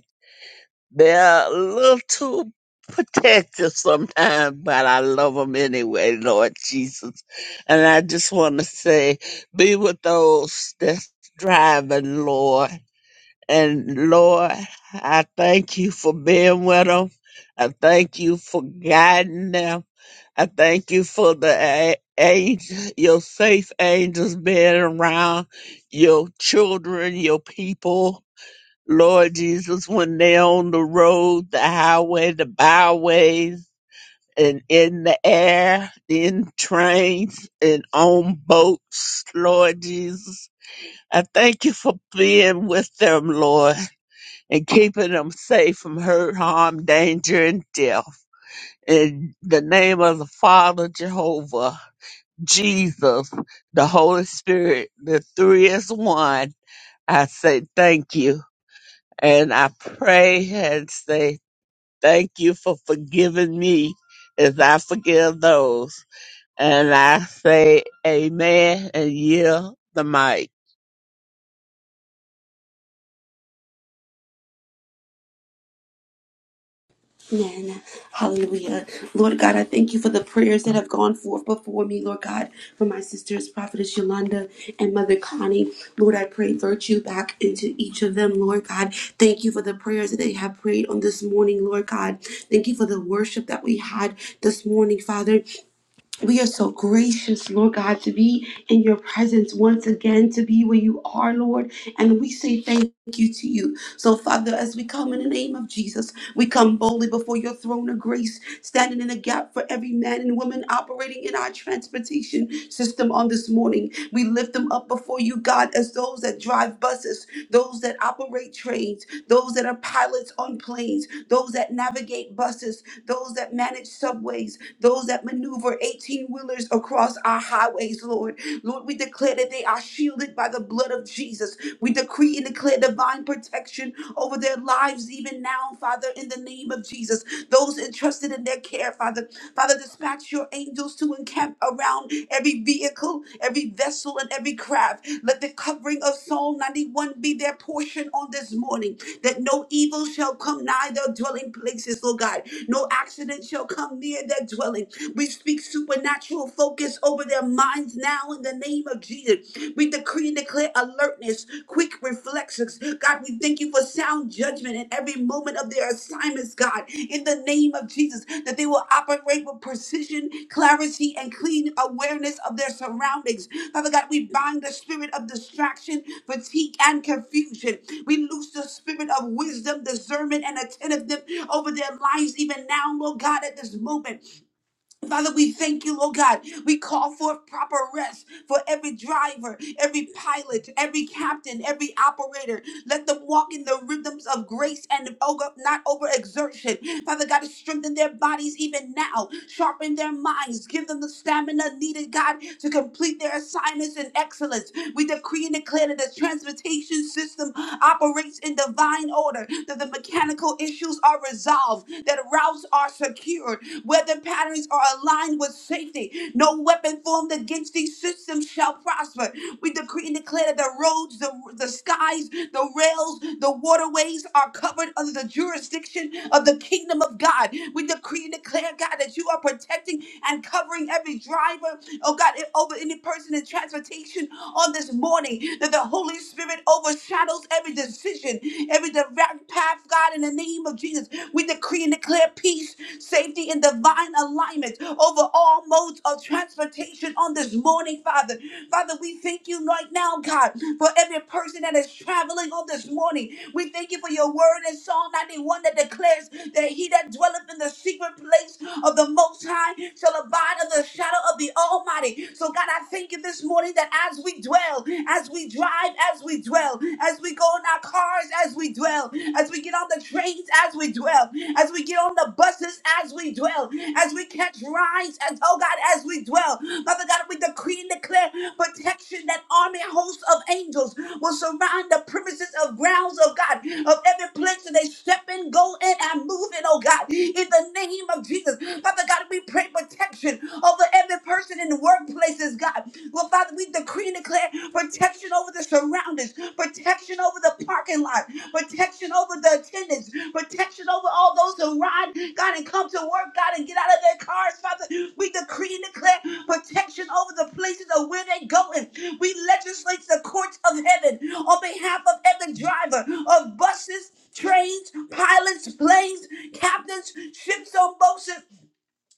[SPEAKER 3] They're a little too protective sometimes, but I love them anyway, Lord Jesus. And I just want to say, be with those that's driving, Lord. And Lord, I thank you for being with them. I thank you for guiding them. I thank you for the a- angel, your safe angels being around your children, your people. Lord Jesus, when they're on the road, the highway, the byways, and in the air, in trains, and on boats, Lord Jesus. I thank you for being with them, Lord, and keeping them safe from hurt, harm, danger, and death. In the name of the Father, Jehovah, Jesus, the Holy Spirit, the three is one, I say thank you. And I pray and say Thank you for forgiving me as I forgive those. And I say amen and yield the mic.
[SPEAKER 4] Amen. Hallelujah. Lord God, I thank you for the prayers that have gone forth before me, Lord God, for my sisters, Prophetess Yolanda and Mother Connie. Lord, I pray virtue back into each of them, Lord God. Thank you for the prayers that they have prayed on this morning, Lord God. Thank you for the worship that we had this morning, Father. We are so gracious, Lord God, to be in your presence once again, to be where you are, Lord. And we say thank you you to you. So, Father, as we come in the name of Jesus, we come boldly before your throne of grace, standing in the gap for every man and woman operating in our transportation system on this morning. We lift them up before you, God, as those that drive buses, those that operate trains, those that are pilots on planes, those that navigate buses, those that manage subways, those that maneuver 18 wheelers across our highways, Lord. Lord, we declare that they are shielded shielded by the blood of Jesus. We decree and declare divine protection over their lives even now, Father, in the name of Jesus. Those entrusted in their care, Father, Father, dispatch your angels to encamp around every vehicle, every vessel, and every craft. Let the covering of Psalm 91 be their portion on this morning, that no evil shall come nigh their dwelling places, Lord God. No accident shall come near their dwelling. We speak supernatural focus over over their minds now in the name of Jesus. We decree and declare alertness, quick reflexes. God, we thank you for sound judgment in every moment of their assignments, God, in the name of Jesus, that they will operate with precision, clarity, and clean awareness of their surroundings. Father God, we bind the spirit of distraction, fatigue, and confusion. We loose the spirit of wisdom, discernment, and attentiveness over their lives, even now, Lord God, at this moment. Father, we thank you, Lord God. We call forth proper rest for every driver, every pilot, every captain, every operator. Let them walk in the rhythms of grace and over, not overexertion. Father God, strengthen their bodies even now. Sharpen their minds. Give them the stamina needed, God, to complete their assignments in excellence. We decree and declare that the transportation system operates in divine order, that the mechanical issues are resolved resolve that routes are secured, weather patterns are aligned with safety. No weapon formed against these systems shall prosper. We decree and declare that the roads, the, the skies, the rails, the waterways are covered under the jurisdiction of the kingdom of God. We decree and declare, God, that you are protecting and covering every driver, oh God, and over any person in transportation on this morning, that the Holy Spirit overshadows every decision, direction, every direct path, God, in the name of Jesus. We decree and declare peace, safety, and divine alignment over all modes of transportation on this morning, Father. Father, we thank you right now, God, for every person that is traveling on this morning. We thank you for your word in Psalm 91 that declares that he that dwelleth in the secret place of the Most High shall abide under the shadow of the Almighty. So, God, I thank you this morning that as we dwell, as we drive, as we dwell, as we go in our cars, as we dwell, as we get on the trains, as we dwell, as we get on the buses, as we dwell, as we catch rides, as oh God, as we dwell. Father God, we decree and declare protection that army hosts of angels will surround the premises of grounds of God, of every place that they step in, go in, and move in, oh God, in the name of Jesus. Father God, we pray protection over every person in and workplaces, God. Well, Father, we decree and declare protection over the surroundings, protection over the parking lot, protection over the attendants, protection over all those who ride, God, and come to work, God, and get out of their cars, Father. We decree and declare protection over the places of where they're going. We legislate the courts of heaven on behalf of every driver of buses, trains, pilots, planes, captains, ships on boats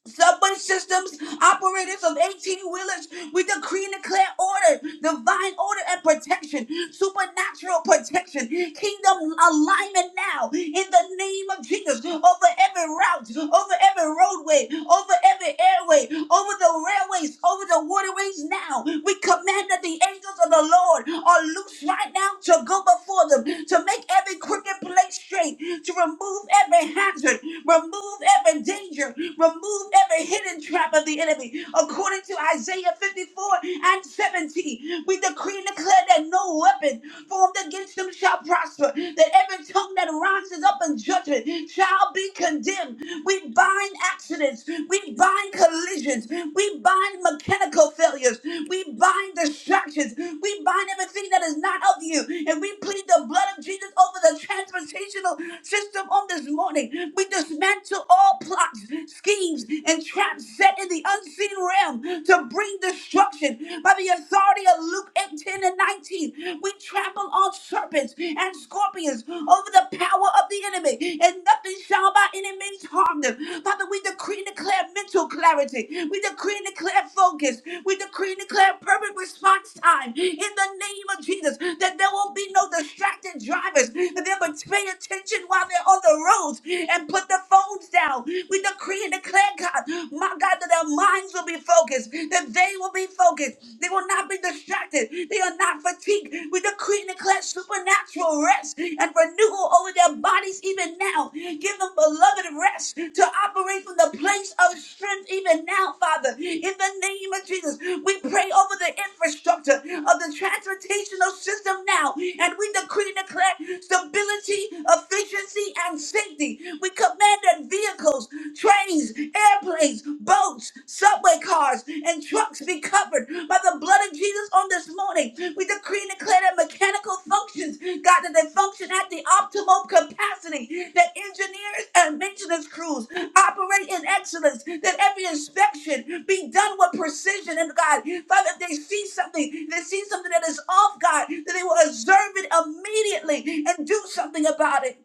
[SPEAKER 4] subway systems, operators of 18 wheelers, we decree and declare order, divine order and protection, supernatural protection, kingdom alignment now in the name of Jesus over every route, over every roadway, over every airway, over the railways, over the waterways now. We command that the angels of the Lord are loose right now to go before them, to make every crooked place straight, to remove every hazard, remove every danger danger. Remove every hidden trap of the enemy. According to Isaiah 54 and 17, we decree and declare that no weapon formed against them shall prosper, that every tongue that rises up in judgment shall be condemned. We bind accidents, we bind collisions, we bind mechanical failures, we bind distractions, we bind everything that is not of you, and we plead the blood of Jesus over the transportational system on this morning. We dismantle to all plots, schemes, and traps set in the unseen realm to bring destruction. By the authority of Luke 8 10 and 19, we trample on serpents and scorpions over the power of the enemy, and nothing shall by any means harm them. Father, we decree and declare mental clarity. We decree and declare focus. We decree and declare perfect response time in the name of Jesus that there will be no distracted drivers, that they'll be paying attention while they're on the roads, and. God, put the phones down. We decree and declare, God, my God, that their minds will be focused, that they will be focused. They will not be distracted. They are not fatigued. We decree and declare supernatural rest and renewal over their bodies even now. Give them beloved rest to operate from the place of strength even now, Father. In the name of Jesus, we pray over the infrastructure of the transportational system now, and we decree and declare stability, efficiency, and sound safety. We command that vehicles, trains, airplanes, boats, subway cars, and trucks be covered by the blood of Jesus on this morning. We decree and declare that mechanical functions, God, that they function at the optimal capacity, that engineers and maintenance crews operate in excellence, that every inspection be done with precision. And God, Father, if they see something, they see something that is off, God, that they will observe it immediately and do something about it.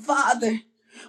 [SPEAKER 4] Father,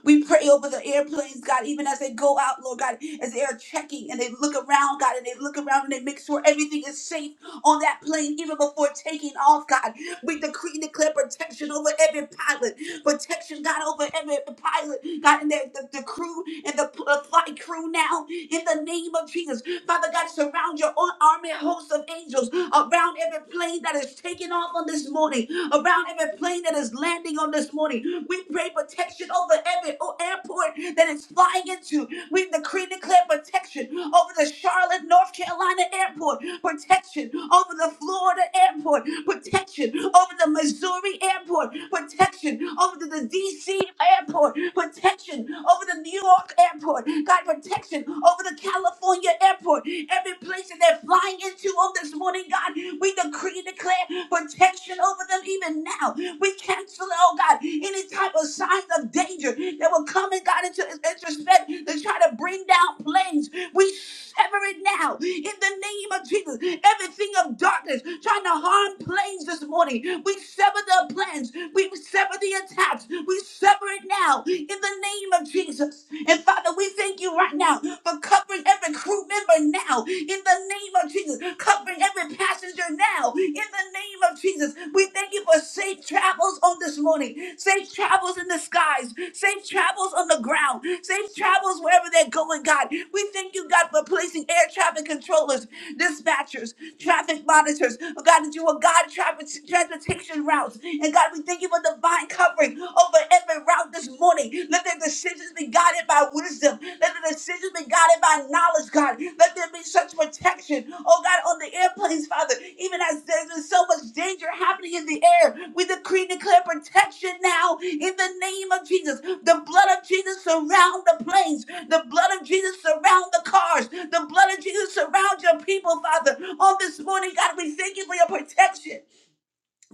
[SPEAKER 4] we pray over the airplanes, God, even as they go out, Lord God, as they are checking and they look around, God, and they look around and they make sure everything is safe on that plane, even before taking off, God. We decree and declare protection over every pilot, protection, God, over every pilot, God, and the, the, the crew and the p- uh, flight crew now, in the name of Jesus. Father God, surround your own army host of angels around every plane that is taking off on this morning, around every plane that is landing on this morning. We pray protection over every o- airport that it's flying into. We decree and declare protection over the Charlotte, North Carolina airport, protection over the Florida airport, protection protection over the Missouri airport, protection over the, the DC airport, protection over the New York airport, God, protection over the California airport, every place that they're flying into on this morning, God, we decree and declare protection over them even now. We cancel, oh God, any type of signs of danger that will come and God into respect to try to bring down planes. We sever it now in the name of Jesus. Everything of darkness trying to harm planes this this morning. We sever the plans. We sever the attacks. We sever it now in the name of Jesus. And Father, we thank you right now for covering every crew member now in the name of Jesus. Covering every passenger now in the name of Jesus. We thank thank you for safe travels on this morning, safe travels in the skies, safe travels on the ground, safe travels wherever they're going, God. We thank you, God, for placing air traffic controllers, dispatchers, traffic monitors, oh, God, that you are God traffic transportation routes. And God, we thank you for divine covering over every route this morning. Let their decisions be guided by wisdom. Let the decisions, be guided by knowledge, God, let there be such protection. Oh God, on the airplanes, Father, even as there's been so much danger happening in the air, we decree and declare protection now in the name of Jesus. The blood of Jesus surround the planes. The blood of Jesus surround the cars. The blood of Jesus surround your people, Father. On this morning, God, we thank you for your protection,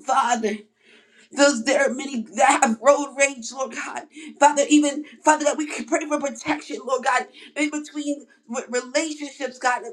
[SPEAKER 4] Father. Those there are many that have road rage, Lord God. Father, even Father, that we can pray for protection, Lord God, in between re- relationships, God,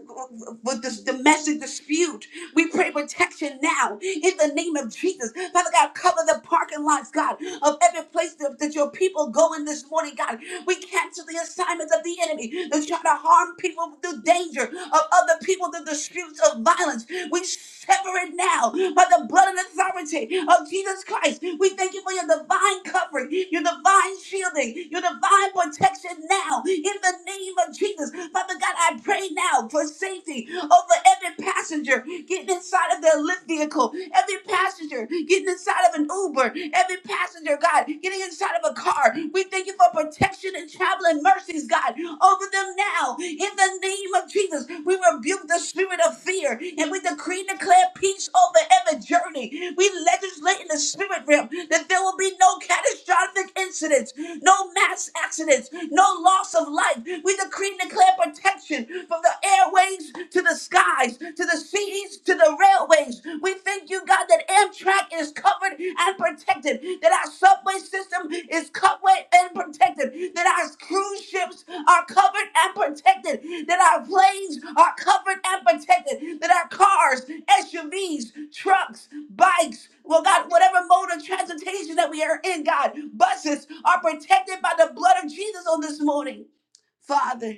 [SPEAKER 4] with this domestic dispute. We pray protection now in the name of Jesus. Father God, cover the parking lots, God, of every place that, that your people go in this morning, God. We cancel the assignments of the enemy to try to harm people through danger of of other people the disputes of violence. We sever it now by the blood and authority of Jesus Christ. We thank you for your divine covering, your divine shielding, your divine protection now in the name of Jesus. Father God, I pray now for safety over every passenger getting inside of their lift vehicle, every passenger getting inside of an Uber, every passenger, God, getting inside of a car car. We thank you for protection and traveling mercies, God, over them now. In the name of Jesus, we rebuke the spirit of fear and we decree and declare peace over every journey. We legislate in the spirit realm that there will be no catastrophic incidents, no mass accidents, no loss of life. We decree and declare protection from the airways to the skies, to the seas, to the rail railways. We thank you, God, that Amtrak is covered and protected, that our subway system is covered and protected, that our cruise ships are covered and protected, that our planes are covered and protected, that our cars, SUVs, trucks, bikes, well, God, whatever mode of transportation that we are in, God, buses are protected by the blood of Jesus on this morning. Father,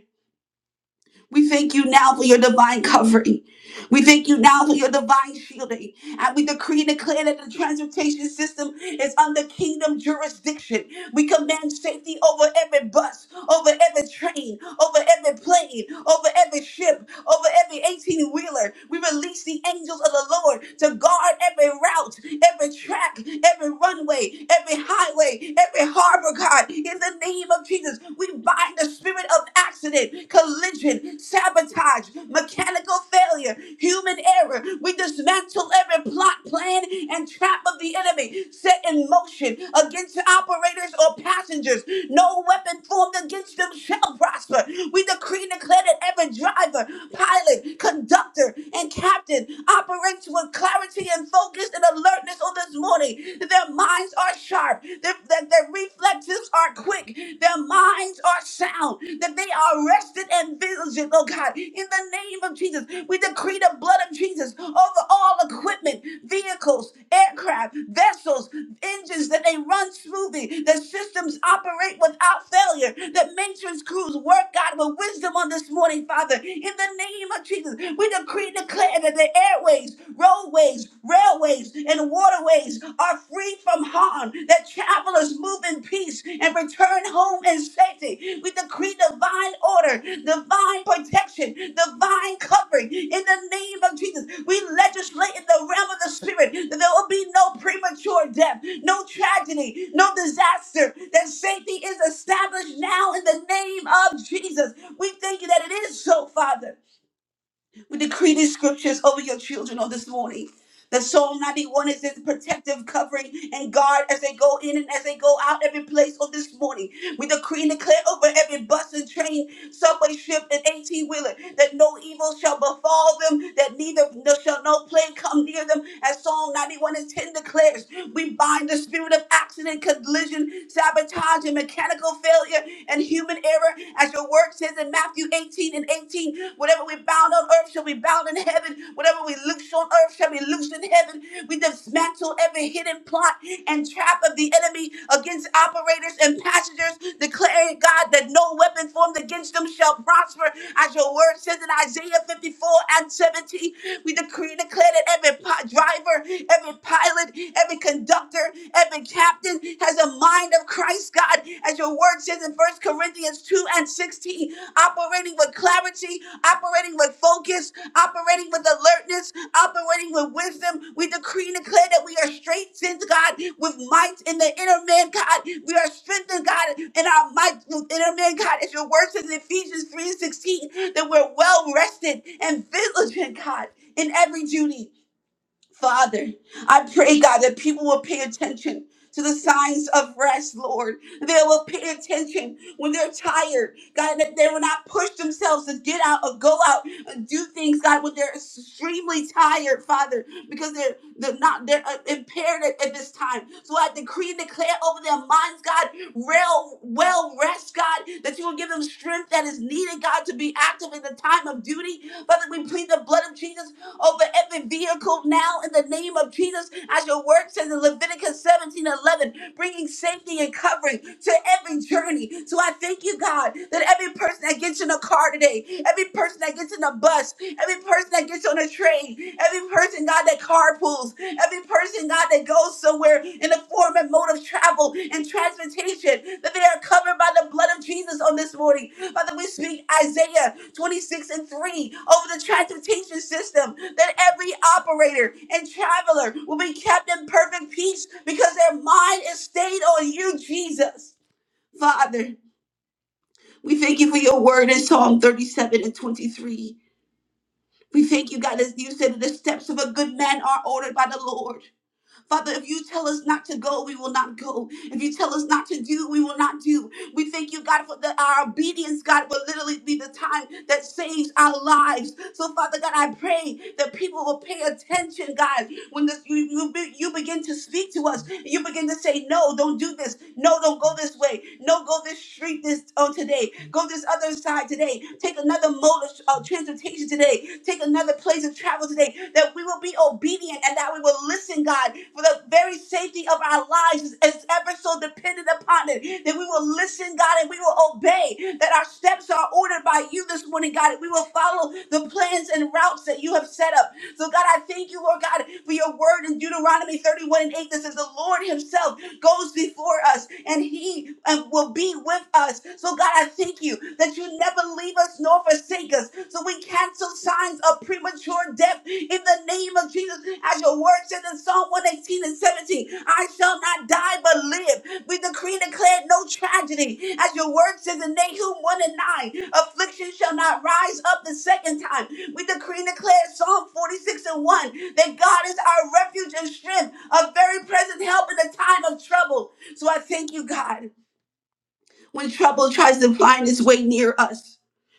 [SPEAKER 4] we thank you now for your divine covering. We thank you now for your divine shielding. And we decree and declare that the transportation system is under kingdom jurisdiction. We command safety over every bus, over every train, over every plane, over every ship, over every 18 wheeler. We release the angels of the Lord to guard every route, every track, every runway, every highway, every harbor, God. In the name of Jesus, we bind the spirit of accident, collision, sabotage, mechanical failure, human error. We dismantle every plot, plan, and trap of the enemy set in motion against operators or passengers. No weapon formed against them shall prosper. We decree and declare that every driver, pilot, conductor, and captain operates with clarity and focus and alertness on this morning. Their minds are sharp, their, their, their reflexes are quick, their minds are sound bound, that they are arrested and visited, oh God, in the name of Jesus. We decree the blood of Jesus over all equipment, vehicles, aircraft, vessels, engines that they run smoothly, that systems operate without failure, that matrons crews work, God, with wisdom on this morning, Father. In the name of Jesus, we decree and declare that the airways, roadways, railways, and waterways captives are free from harm, that travelers move in peace and return home in safety. We decree divine order, divine protection, divine covering in the name of Jesus. We legislate in the realm of the spirit that there will be no premature death, no tragedy, no disaster, that safety is established now in the name of Jesus. We thank you that it is so, Father. We decree these scriptures over your children on this morning. That Psalm 91 is his protective covering and guard as they go in and as they go out every place on this morning. We decree and declare over every bus and train Somebody shift an 18 wheeler that no evil shall befall them, that neither no, shall no plague come near them. As Psalm 91 and 10 declares, we bind the spirit of accident, collision, sabotage, and mechanical failure and human error. As your word says in Matthew 18 and 18, whatever we bound on earth shall be bound in heaven, whatever we loose on earth shall be loosed in heaven heaven. We dismantle every hidden plot and trap of the enemy against operators and passengers, declaring, God, that no weapon formed against them shall prosper. As your word says in Isaiah 54 and 17, we decree and declare that every pi- driver, every pilot, every conductor, every captain has a mind of Christ, God. As your word says, says in First Corinthians 2 and 16, operating with clarity, operating with focus, operating with alertness, operating with wisdom. We decree and declare that we are strengthened, God, with might in the inner man, God. We are strengthened, God, in our might with inner man, God. As your word says in Ephesians 3 and 16, that we're well rested and vigilant, God, in every duty. Father, I pray, God, that people will pay attention to the signs of rest, Lord. They will pay attention when they're tired, God, that they will not push themselves to get out or go out and do things, God, when they're extremely tired, Father because they're they're not they're uh, impaired at, at this time. So I decree and declare over their minds, God, real well rest, God, that you will give them strength that is needed, God, to be active in the time of duty. Father, we plead the blood of Jesus over every vehicle now in the name of Jesus, as your word says in Leviticus 17:11 bringing safety and covering to every journey. So I thank you, God, that every person that gets in a car today, every person that gets in a bus, every person that gets on a train, every person, God, that carpools, every person, God, that goes somewhere in the form and mode of travel and transportation, that they are covered by the blood of Jesus on this morning. Father, we speak Isaiah 26 and 3 over the transportation system that every operator and traveler will be kept in perfect peace because their mind is stayed on you, Jesus. Father, we thank you for your word in Psalm 37 and 23. We thank you, God, as you said that the steps of a good man are ordered by the Lord. Father, if you tell us not to go, we will not go. If you tell us not to do, we will not do. We thank you, God, for that our obedience, God, will literally be the time that saves our lives. So, Father God, I pray that people will pay attention, God, when the, you, you, be- you begin to speak to us, you begin to say, No, don't do this. No, don't go this way. No, go this street this on today. Go this other side today. Take another mode of uh, transportation today. Take another place of travel today. That we will be obedient and that we will listen, God, for the very safety of our lives is, is ever so dependent upon it. That we will listen, God, and we will obey. That our steps are ordered by you this morning, God. And we will follow the plans and routes that you have set up up. So, God, I thank you, Lord God, for your word in Deuteronomy 31 and 8 that says, The Lord Himself goes before us and He uh, will be with us. So, God, I thank you that you never leave us nor forsake us. So, we cancel signs of premature death in the name of Jesus. As your word says in Psalm 118 and 17, I shall not die but live. We decree and declare no tragedy. As your word says in Nahum 1 and 9, affliction shall not rise up the second time. We decree and declare Psalm 46 and 1 that God is our refuge and strength, a very present help in the time of trouble. So I thank you, God, when trouble tries to find its way near us,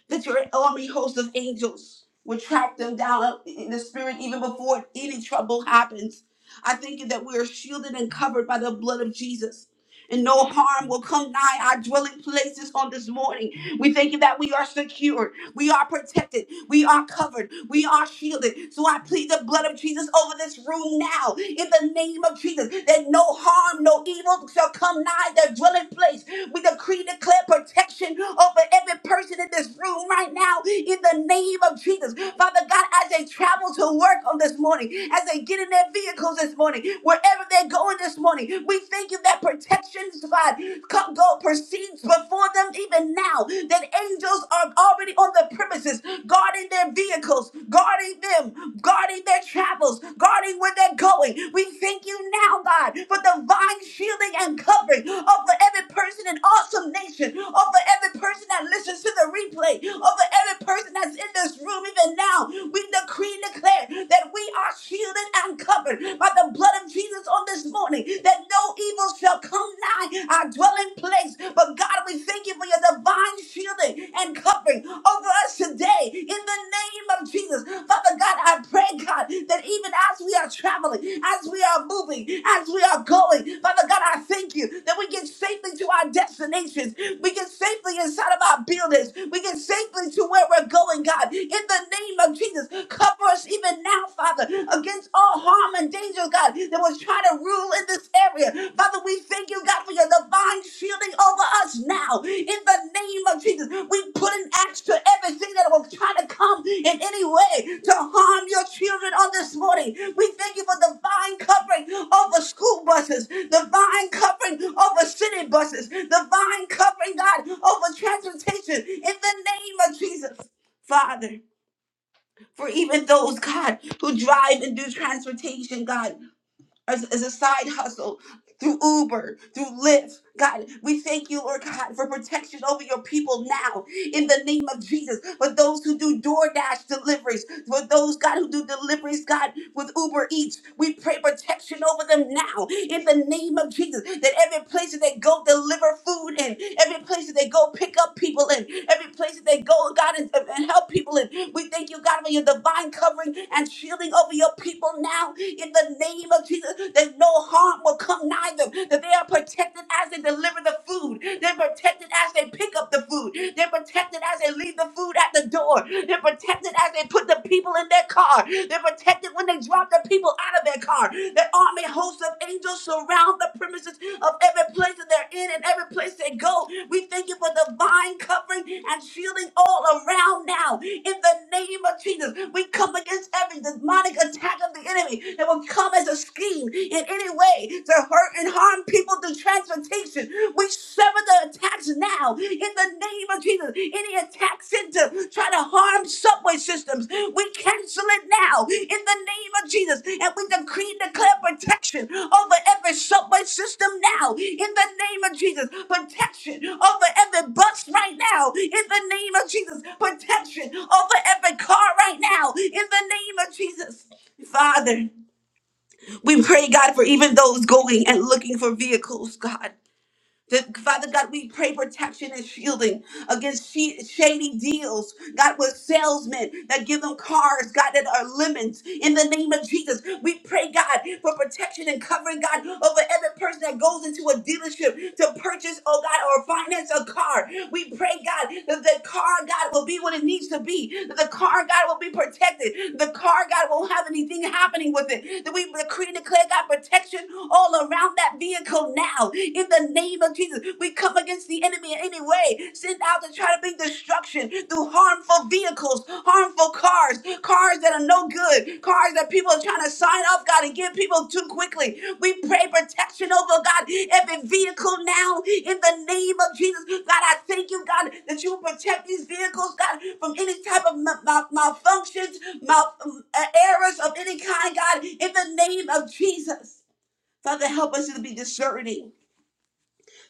[SPEAKER 4] that your army host of angels will track them down in the spirit even before any trouble happens. I thank you that we are shielded and covered by the blood of Jesus. And no harm will come nigh our dwelling places on this morning. We thank you that we are secure we are protected. We are covered. We are shielded. So I plead the blood of Jesus over this room now in the name of Jesus that no harm, no evil shall come nigh their dwelling place. We decree and declare protection over every person in this room right now in the name of Jesus. Father God, as they travel to work on this morning, as they get in their vehicles this morning, wherever they're going this morning, we thank you that protection, God, come, go, proceed intercedes before them even now. That angels are already on the premises, guarding their vehicles, guarding them, guarding their travels, guarding where they're going. We thank you now, God, for divine shielding and covering over every person in awesome nation, over every person that listens to the replay, over every person that's in this room even now. We decree and declare that we are shielded and covered by the blood of Jesus on this morning family, that no evil shall come nigh our dwelling place. But God, we thank you for your divine shielding and covering over us today in the name of Jesus. Father God, I pray, God, that even as we are traveling, as we are moving, as we are going, Father God, I thank you that we get safely to our destinations. We get safely inside of our buildings. We get safely to where we're going, God. In the name of Jesus, cover us even now, Father. Father, against all harm and danger, God, that was trying to rule in this area. Father, we thank you, God, for your divine shielding over us now. In the name of Jesus, we put an axe to everything that was trying to come in any way to harm your children on this morning. We thank you for divine covering over school buses, divine covering over city buses, divine covering, God, over transportation. In the name of Jesus, Father for even those, God, who drive and do transportation, God, as, as a side hustle through Uber, through Lyft. God, we thank you, Lord God, for protection over your people now in the name of Jesus. For those who do DoorDash deliveries, for those, God, who do deliveries, God, with Uber Eats, we pray protection over them now in the name of Jesus. That every place that they go deliver food in, every place that they go pick up people in, every place that they go, God, and, and help people in. We thank you, God, for your divine covering and shielding over your people now in the name of Jesus That that no harm will come nigh them, that they are protected as they deliver the food, they're protected as they pick up the food, they're protected as they leave the food at the door, they're protected as they put the people in their car, they're protected when they drop the people out of their car. The army hosts of angels surround the premises of every place that they're in and every place they go. We thank you for divine covering and shielding all around now. In the name of Jesus, we come against every demonic attack of the enemy that will come as a scheme in any way to hurt and harm people through transportation. We sever the attacks now in the name of Jesus. Any attacks Center try to harm subway systems. We cancel it now in the name of Jesus. And we decree and declare protection over every subway system now in the name of Jesus. Protection over every bus right now in the name of Jesus. Protection over every car right now in the name of Jesus. Father, we pray, God, for even those going and looking for vehicles, God. That, Father God, we pray protection and shielding against she- shady deals. God, with salesmen that give them cars, God, that are lemons. In the name of Jesus, we pray, God, for protection and covering, God, over every person that goes into a dealership to purchase, oh God, or finance a car. We pray, God, that the car, God, will be what it needs to be. That the car, God, will be protected. The car, God, won't have anything happening with it. That we decree and declare declare God protection all around that vehicle now. In the name of Jesus, we come against the enemy in any way sent out to try to bring destruction through harmful vehicles, harmful cars, cars that are no good, cars that people are trying to sign off, God, and give people too quickly. We pray protection over God, every vehicle now in the name of Jesus. God, I thank you, God, that you protect these vehicles, God, from any type of ma- ma- malfunctions mal- uh, errors of any kind, God, in the name of Jesus. Father, help us to be discerning.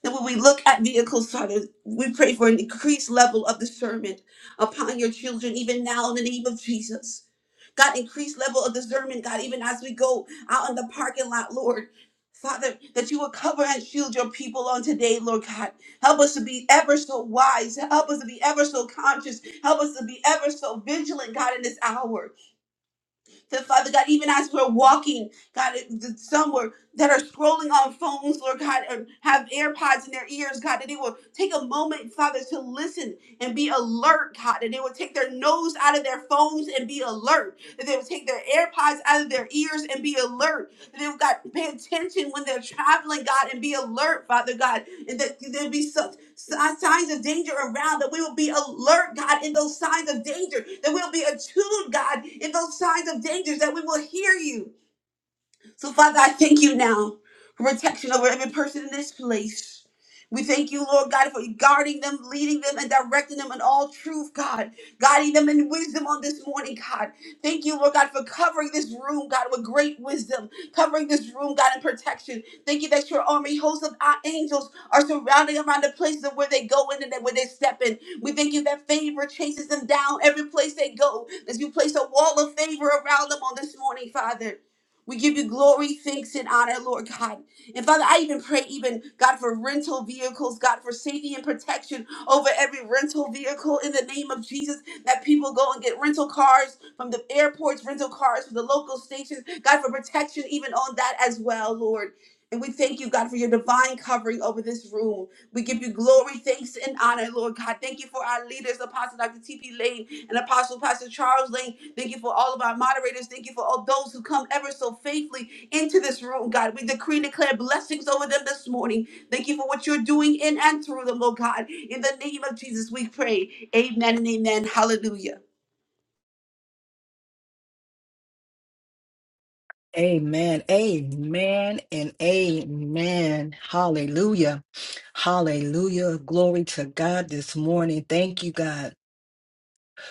[SPEAKER 4] That when we look at vehicles, Father, we pray for an increased level of discernment upon your children, even now in the name of Jesus. God, increased level of discernment, God, even as we go out in the parking lot, Lord. Father, that you will cover and shield your people on today, Lord God. Help us to be ever so wise. Help us to be ever so conscious. Help us to be ever so vigilant, God, in this hour. So, Father God, even as we're walking, God, it- some were that are scrolling on phones, Lord God, or have AirPods in their ears, God, that they will take a moment, Father, to listen and be alert, God, that they will take their nose out of their phones and be alert, that they will take their AirPods out of their ears and be alert, that they will, God, pay attention when they're traveling, God, and be alert, Father God, and that there'll be such si- signs of danger around that we will be alert, God, in those signs of danger, that we'll be attuned, God, in those signs of danger, that we will hear you so, Father, I thank you now for protection over every person in this place. We thank you, Lord God, for guarding them, leading them, and directing them in all truth, God. Guiding them in wisdom on this morning, God. Thank you, Lord God, for covering this room, God, with great wisdom. Covering this room, God, in protection. Thank you that your army, hosts of our angels, are surrounding around the places of where they go in and where they step in. We thank you that favor chases them down every place they go. As you place a wall of favor around them on this morning, Father. We give you glory, thanks, and honor, Lord God. And Father, I even pray, even God, for rental vehicles, God, for safety and protection over every rental vehicle in the name of Jesus. That people go and get rental cars from the airports, rental cars from the local stations, God, for protection even on that as well, Lord. And we thank you, God, for your divine covering over this room. We give you glory, thanks, and honor, Lord God. Thank you for our leaders, Apostle Dr. T.P. Lane and Apostle Pastor Charles Lane. Thank you for all of our moderators. Thank you for all those who come ever so faithfully into this room, God. We decree and declare blessings over them this morning. Thank you for what you're doing in and through them, Lord God. In the name of Jesus, we pray. Amen and amen. Hallelujah.
[SPEAKER 1] Amen. Amen and amen. Hallelujah. Hallelujah. Glory to God this morning. Thank you, God,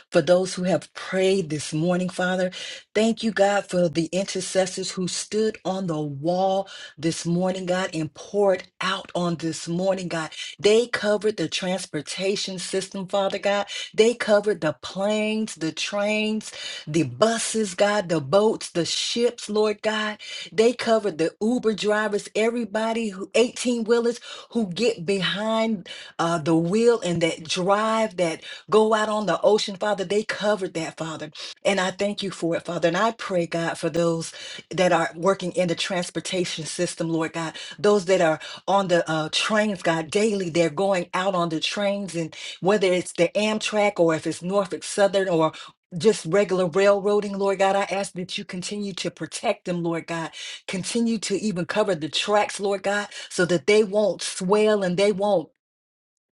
[SPEAKER 1] for those who have prayed this morning, Father. Thank you, God, for the intercessors who stood on the wall this morning, God, and poured out on this morning, God. They covered the transportation system, Father God. They covered the planes, the trains, the buses, God, the boats, the ships, Lord God. They covered the Uber drivers, everybody who 18 wheelers who get behind uh, the wheel and that drive that go out on the ocean, Father. They covered that, Father. And I thank you for it, Father. And I pray, God, for those that are working in the transportation system, Lord God, those that are on the uh, trains, God, daily they're going out on the trains, and whether it's the Amtrak or if it's Norfolk Southern or just regular railroading, Lord God, I ask that you continue to protect them, Lord God. Continue to even cover the tracks, Lord God, so that they won't swell and they won't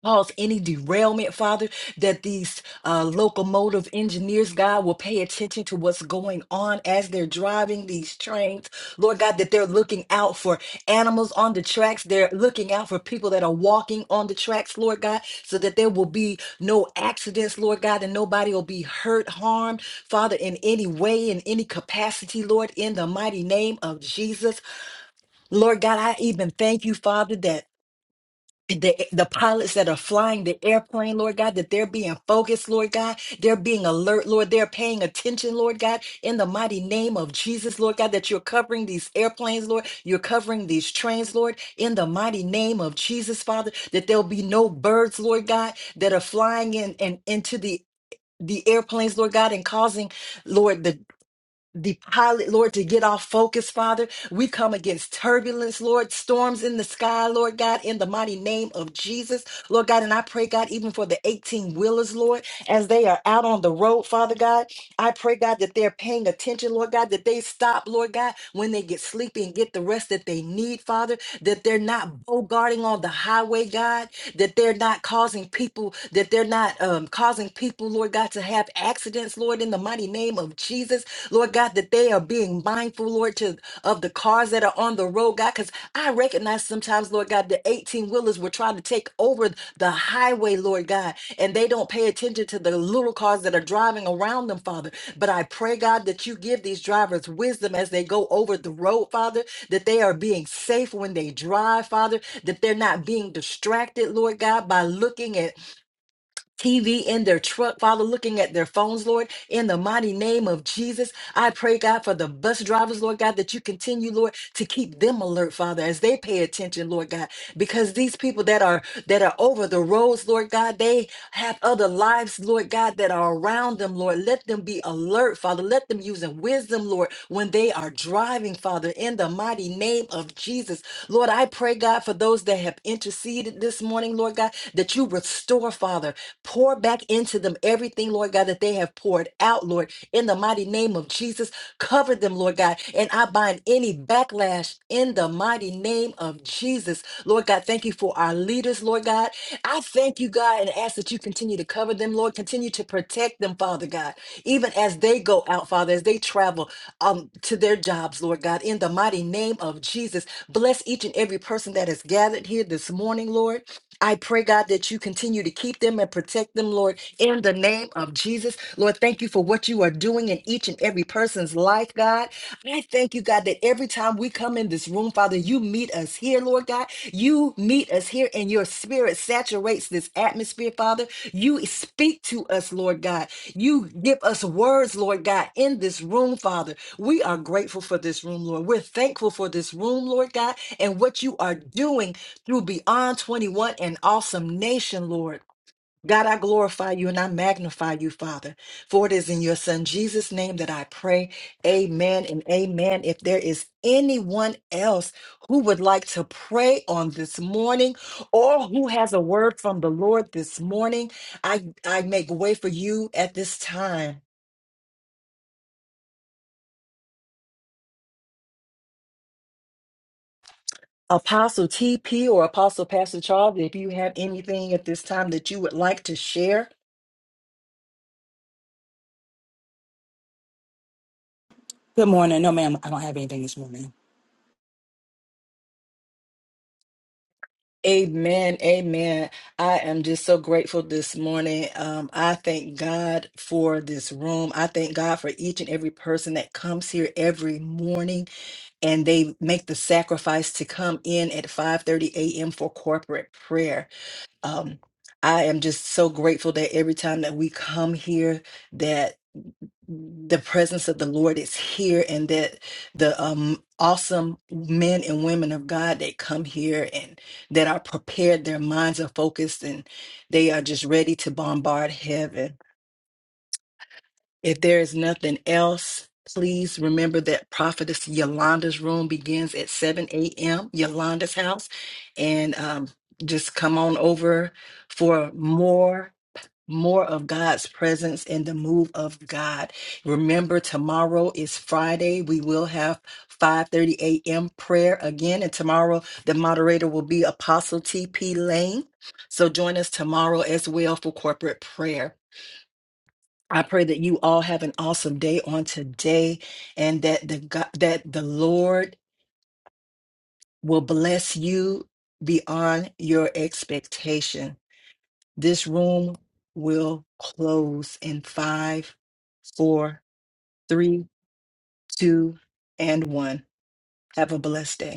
[SPEAKER 1] cause any derailment, Father, that these uh, locomotive engineers, God, will pay attention to what's going on as they're driving these trains. Lord God, that they're looking out for animals on the tracks. They're looking out for people that are walking on the tracks, Lord God, so that there will be no accidents, Lord God, and nobody will be hurt, harmed, Father, in any way, in any capacity, Lord, in the mighty name of Jesus. Lord God, I even thank you, Father, that the, the pilots that are flying the airplane, Lord God, that they're being focused, Lord God. They're being alert, Lord. They're paying attention, Lord God, in the mighty name of Jesus, Lord God, that you're covering these airplanes, Lord. You're covering these trains, Lord, in the mighty name of Jesus, Father, that there'll be no birds, Lord God, that are flying in and into the the airplanes, Lord God, and causing, Lord, the the pilot, Lord, to get off focus, Father. We come against turbulence, Lord, storms in the sky, Lord God, in the mighty name of Jesus, Lord God. And I pray, God, even for the 18 wheelers, Lord, as they are out on the road, Father God, I pray, God, that they're paying attention, Lord God, that they stop, Lord God, when they get sleepy and get the rest that they need, Father, that they're not bogarting on the highway, God, that they're not causing people, that they're not um, causing people, Lord God, to have accidents, Lord, in the mighty name of Jesus. Lord God, that they are being mindful, Lord, to of the cars that are on the road, God, because I recognize sometimes, Lord God, the 18 wheelers will try to take over the highway, Lord God, and they don't pay attention to the little cars that are driving around them, Father. But I pray, God, that you give these drivers wisdom as they go over the road, Father, that they are being safe when they drive, Father, that they're not being distracted, Lord God, by looking at TV in their truck, Father, looking at their phones, Lord, in the mighty name of Jesus. I pray, God, for the bus drivers, Lord God, that you continue, Lord, to keep them alert, Father, as they pay attention, Lord God, because these people that are that are over the roads, Lord God, they have other lives, Lord God, that are around them, Lord. Let them be alert, Father. Let them use in wisdom, Lord, when they are driving, Father, in the mighty name of Jesus. Lord, I pray, God, for those that have interceded this morning, Lord God, that you restore, Father. Pour back into them everything, Lord God, that they have poured out, Lord, in the mighty name of Jesus. Cover them, Lord God. And I bind any backlash in the mighty name of Jesus. Lord God, thank you for our leaders, Lord God. I thank you, God, and ask that you continue to cover them, Lord. Continue to protect them, Father God, even as they go out, Father, as they travel um, to their jobs, Lord God, in the mighty name of Jesus. Bless each and every person that is gathered here this morning, Lord. I pray, God, that you continue to keep them and protect them, Lord, in the name of Jesus. Lord, thank you for what you are doing in each and every person's life, God. I thank you, God, that every time we come in this room, Father, you meet us here, Lord God. You meet us here, and your spirit saturates this atmosphere, Father. You speak to us, Lord God. You give us words, Lord God, in this room, Father. We are grateful for this room, Lord. We're thankful for this room, Lord God, and what you are doing through Beyond 21 and Awesome Nation, Lord. God, I glorify you and I magnify you, Father. For it is in your Son Jesus' name that I pray. Amen and amen. If there is anyone else who would like to pray on this morning or who has a word from the Lord this morning, I, I make way for you at this time. Apostle TP or Apostle Pastor Charles, if you have anything at this time that you would like to share,
[SPEAKER 5] Good morning. No, ma'am, I don't have anything this morning.
[SPEAKER 1] Amen. Amen. I am just so grateful this morning. Um, I thank God for this room. I thank God for each and every person that comes here every morning and they make the sacrifice to come in at 5:30 a.m. for corporate prayer. Um, I am just so grateful that every time that we come here the presence of the Lord is here, and that the um, awesome men and women of God that come here and that are prepared, their minds are focused, and they are just ready to bombard heaven. If there is nothing else, please remember that Prophetess Yolanda's room begins at 7 a.m., Yolanda's house, and um, just come on over for more more of God's presence and the move of God. Remember, tomorrow is Friday. We will have 5:30 a.m. prayer again, and tomorrow the moderator will be Apostle T.P. Lane. So join us tomorrow as well for corporate prayer. I pray that you all have an awesome day on today, and that the God, that the Lord will bless you beyond your expectation. This room will close in five, four, three, two, and one. Have a blessed day.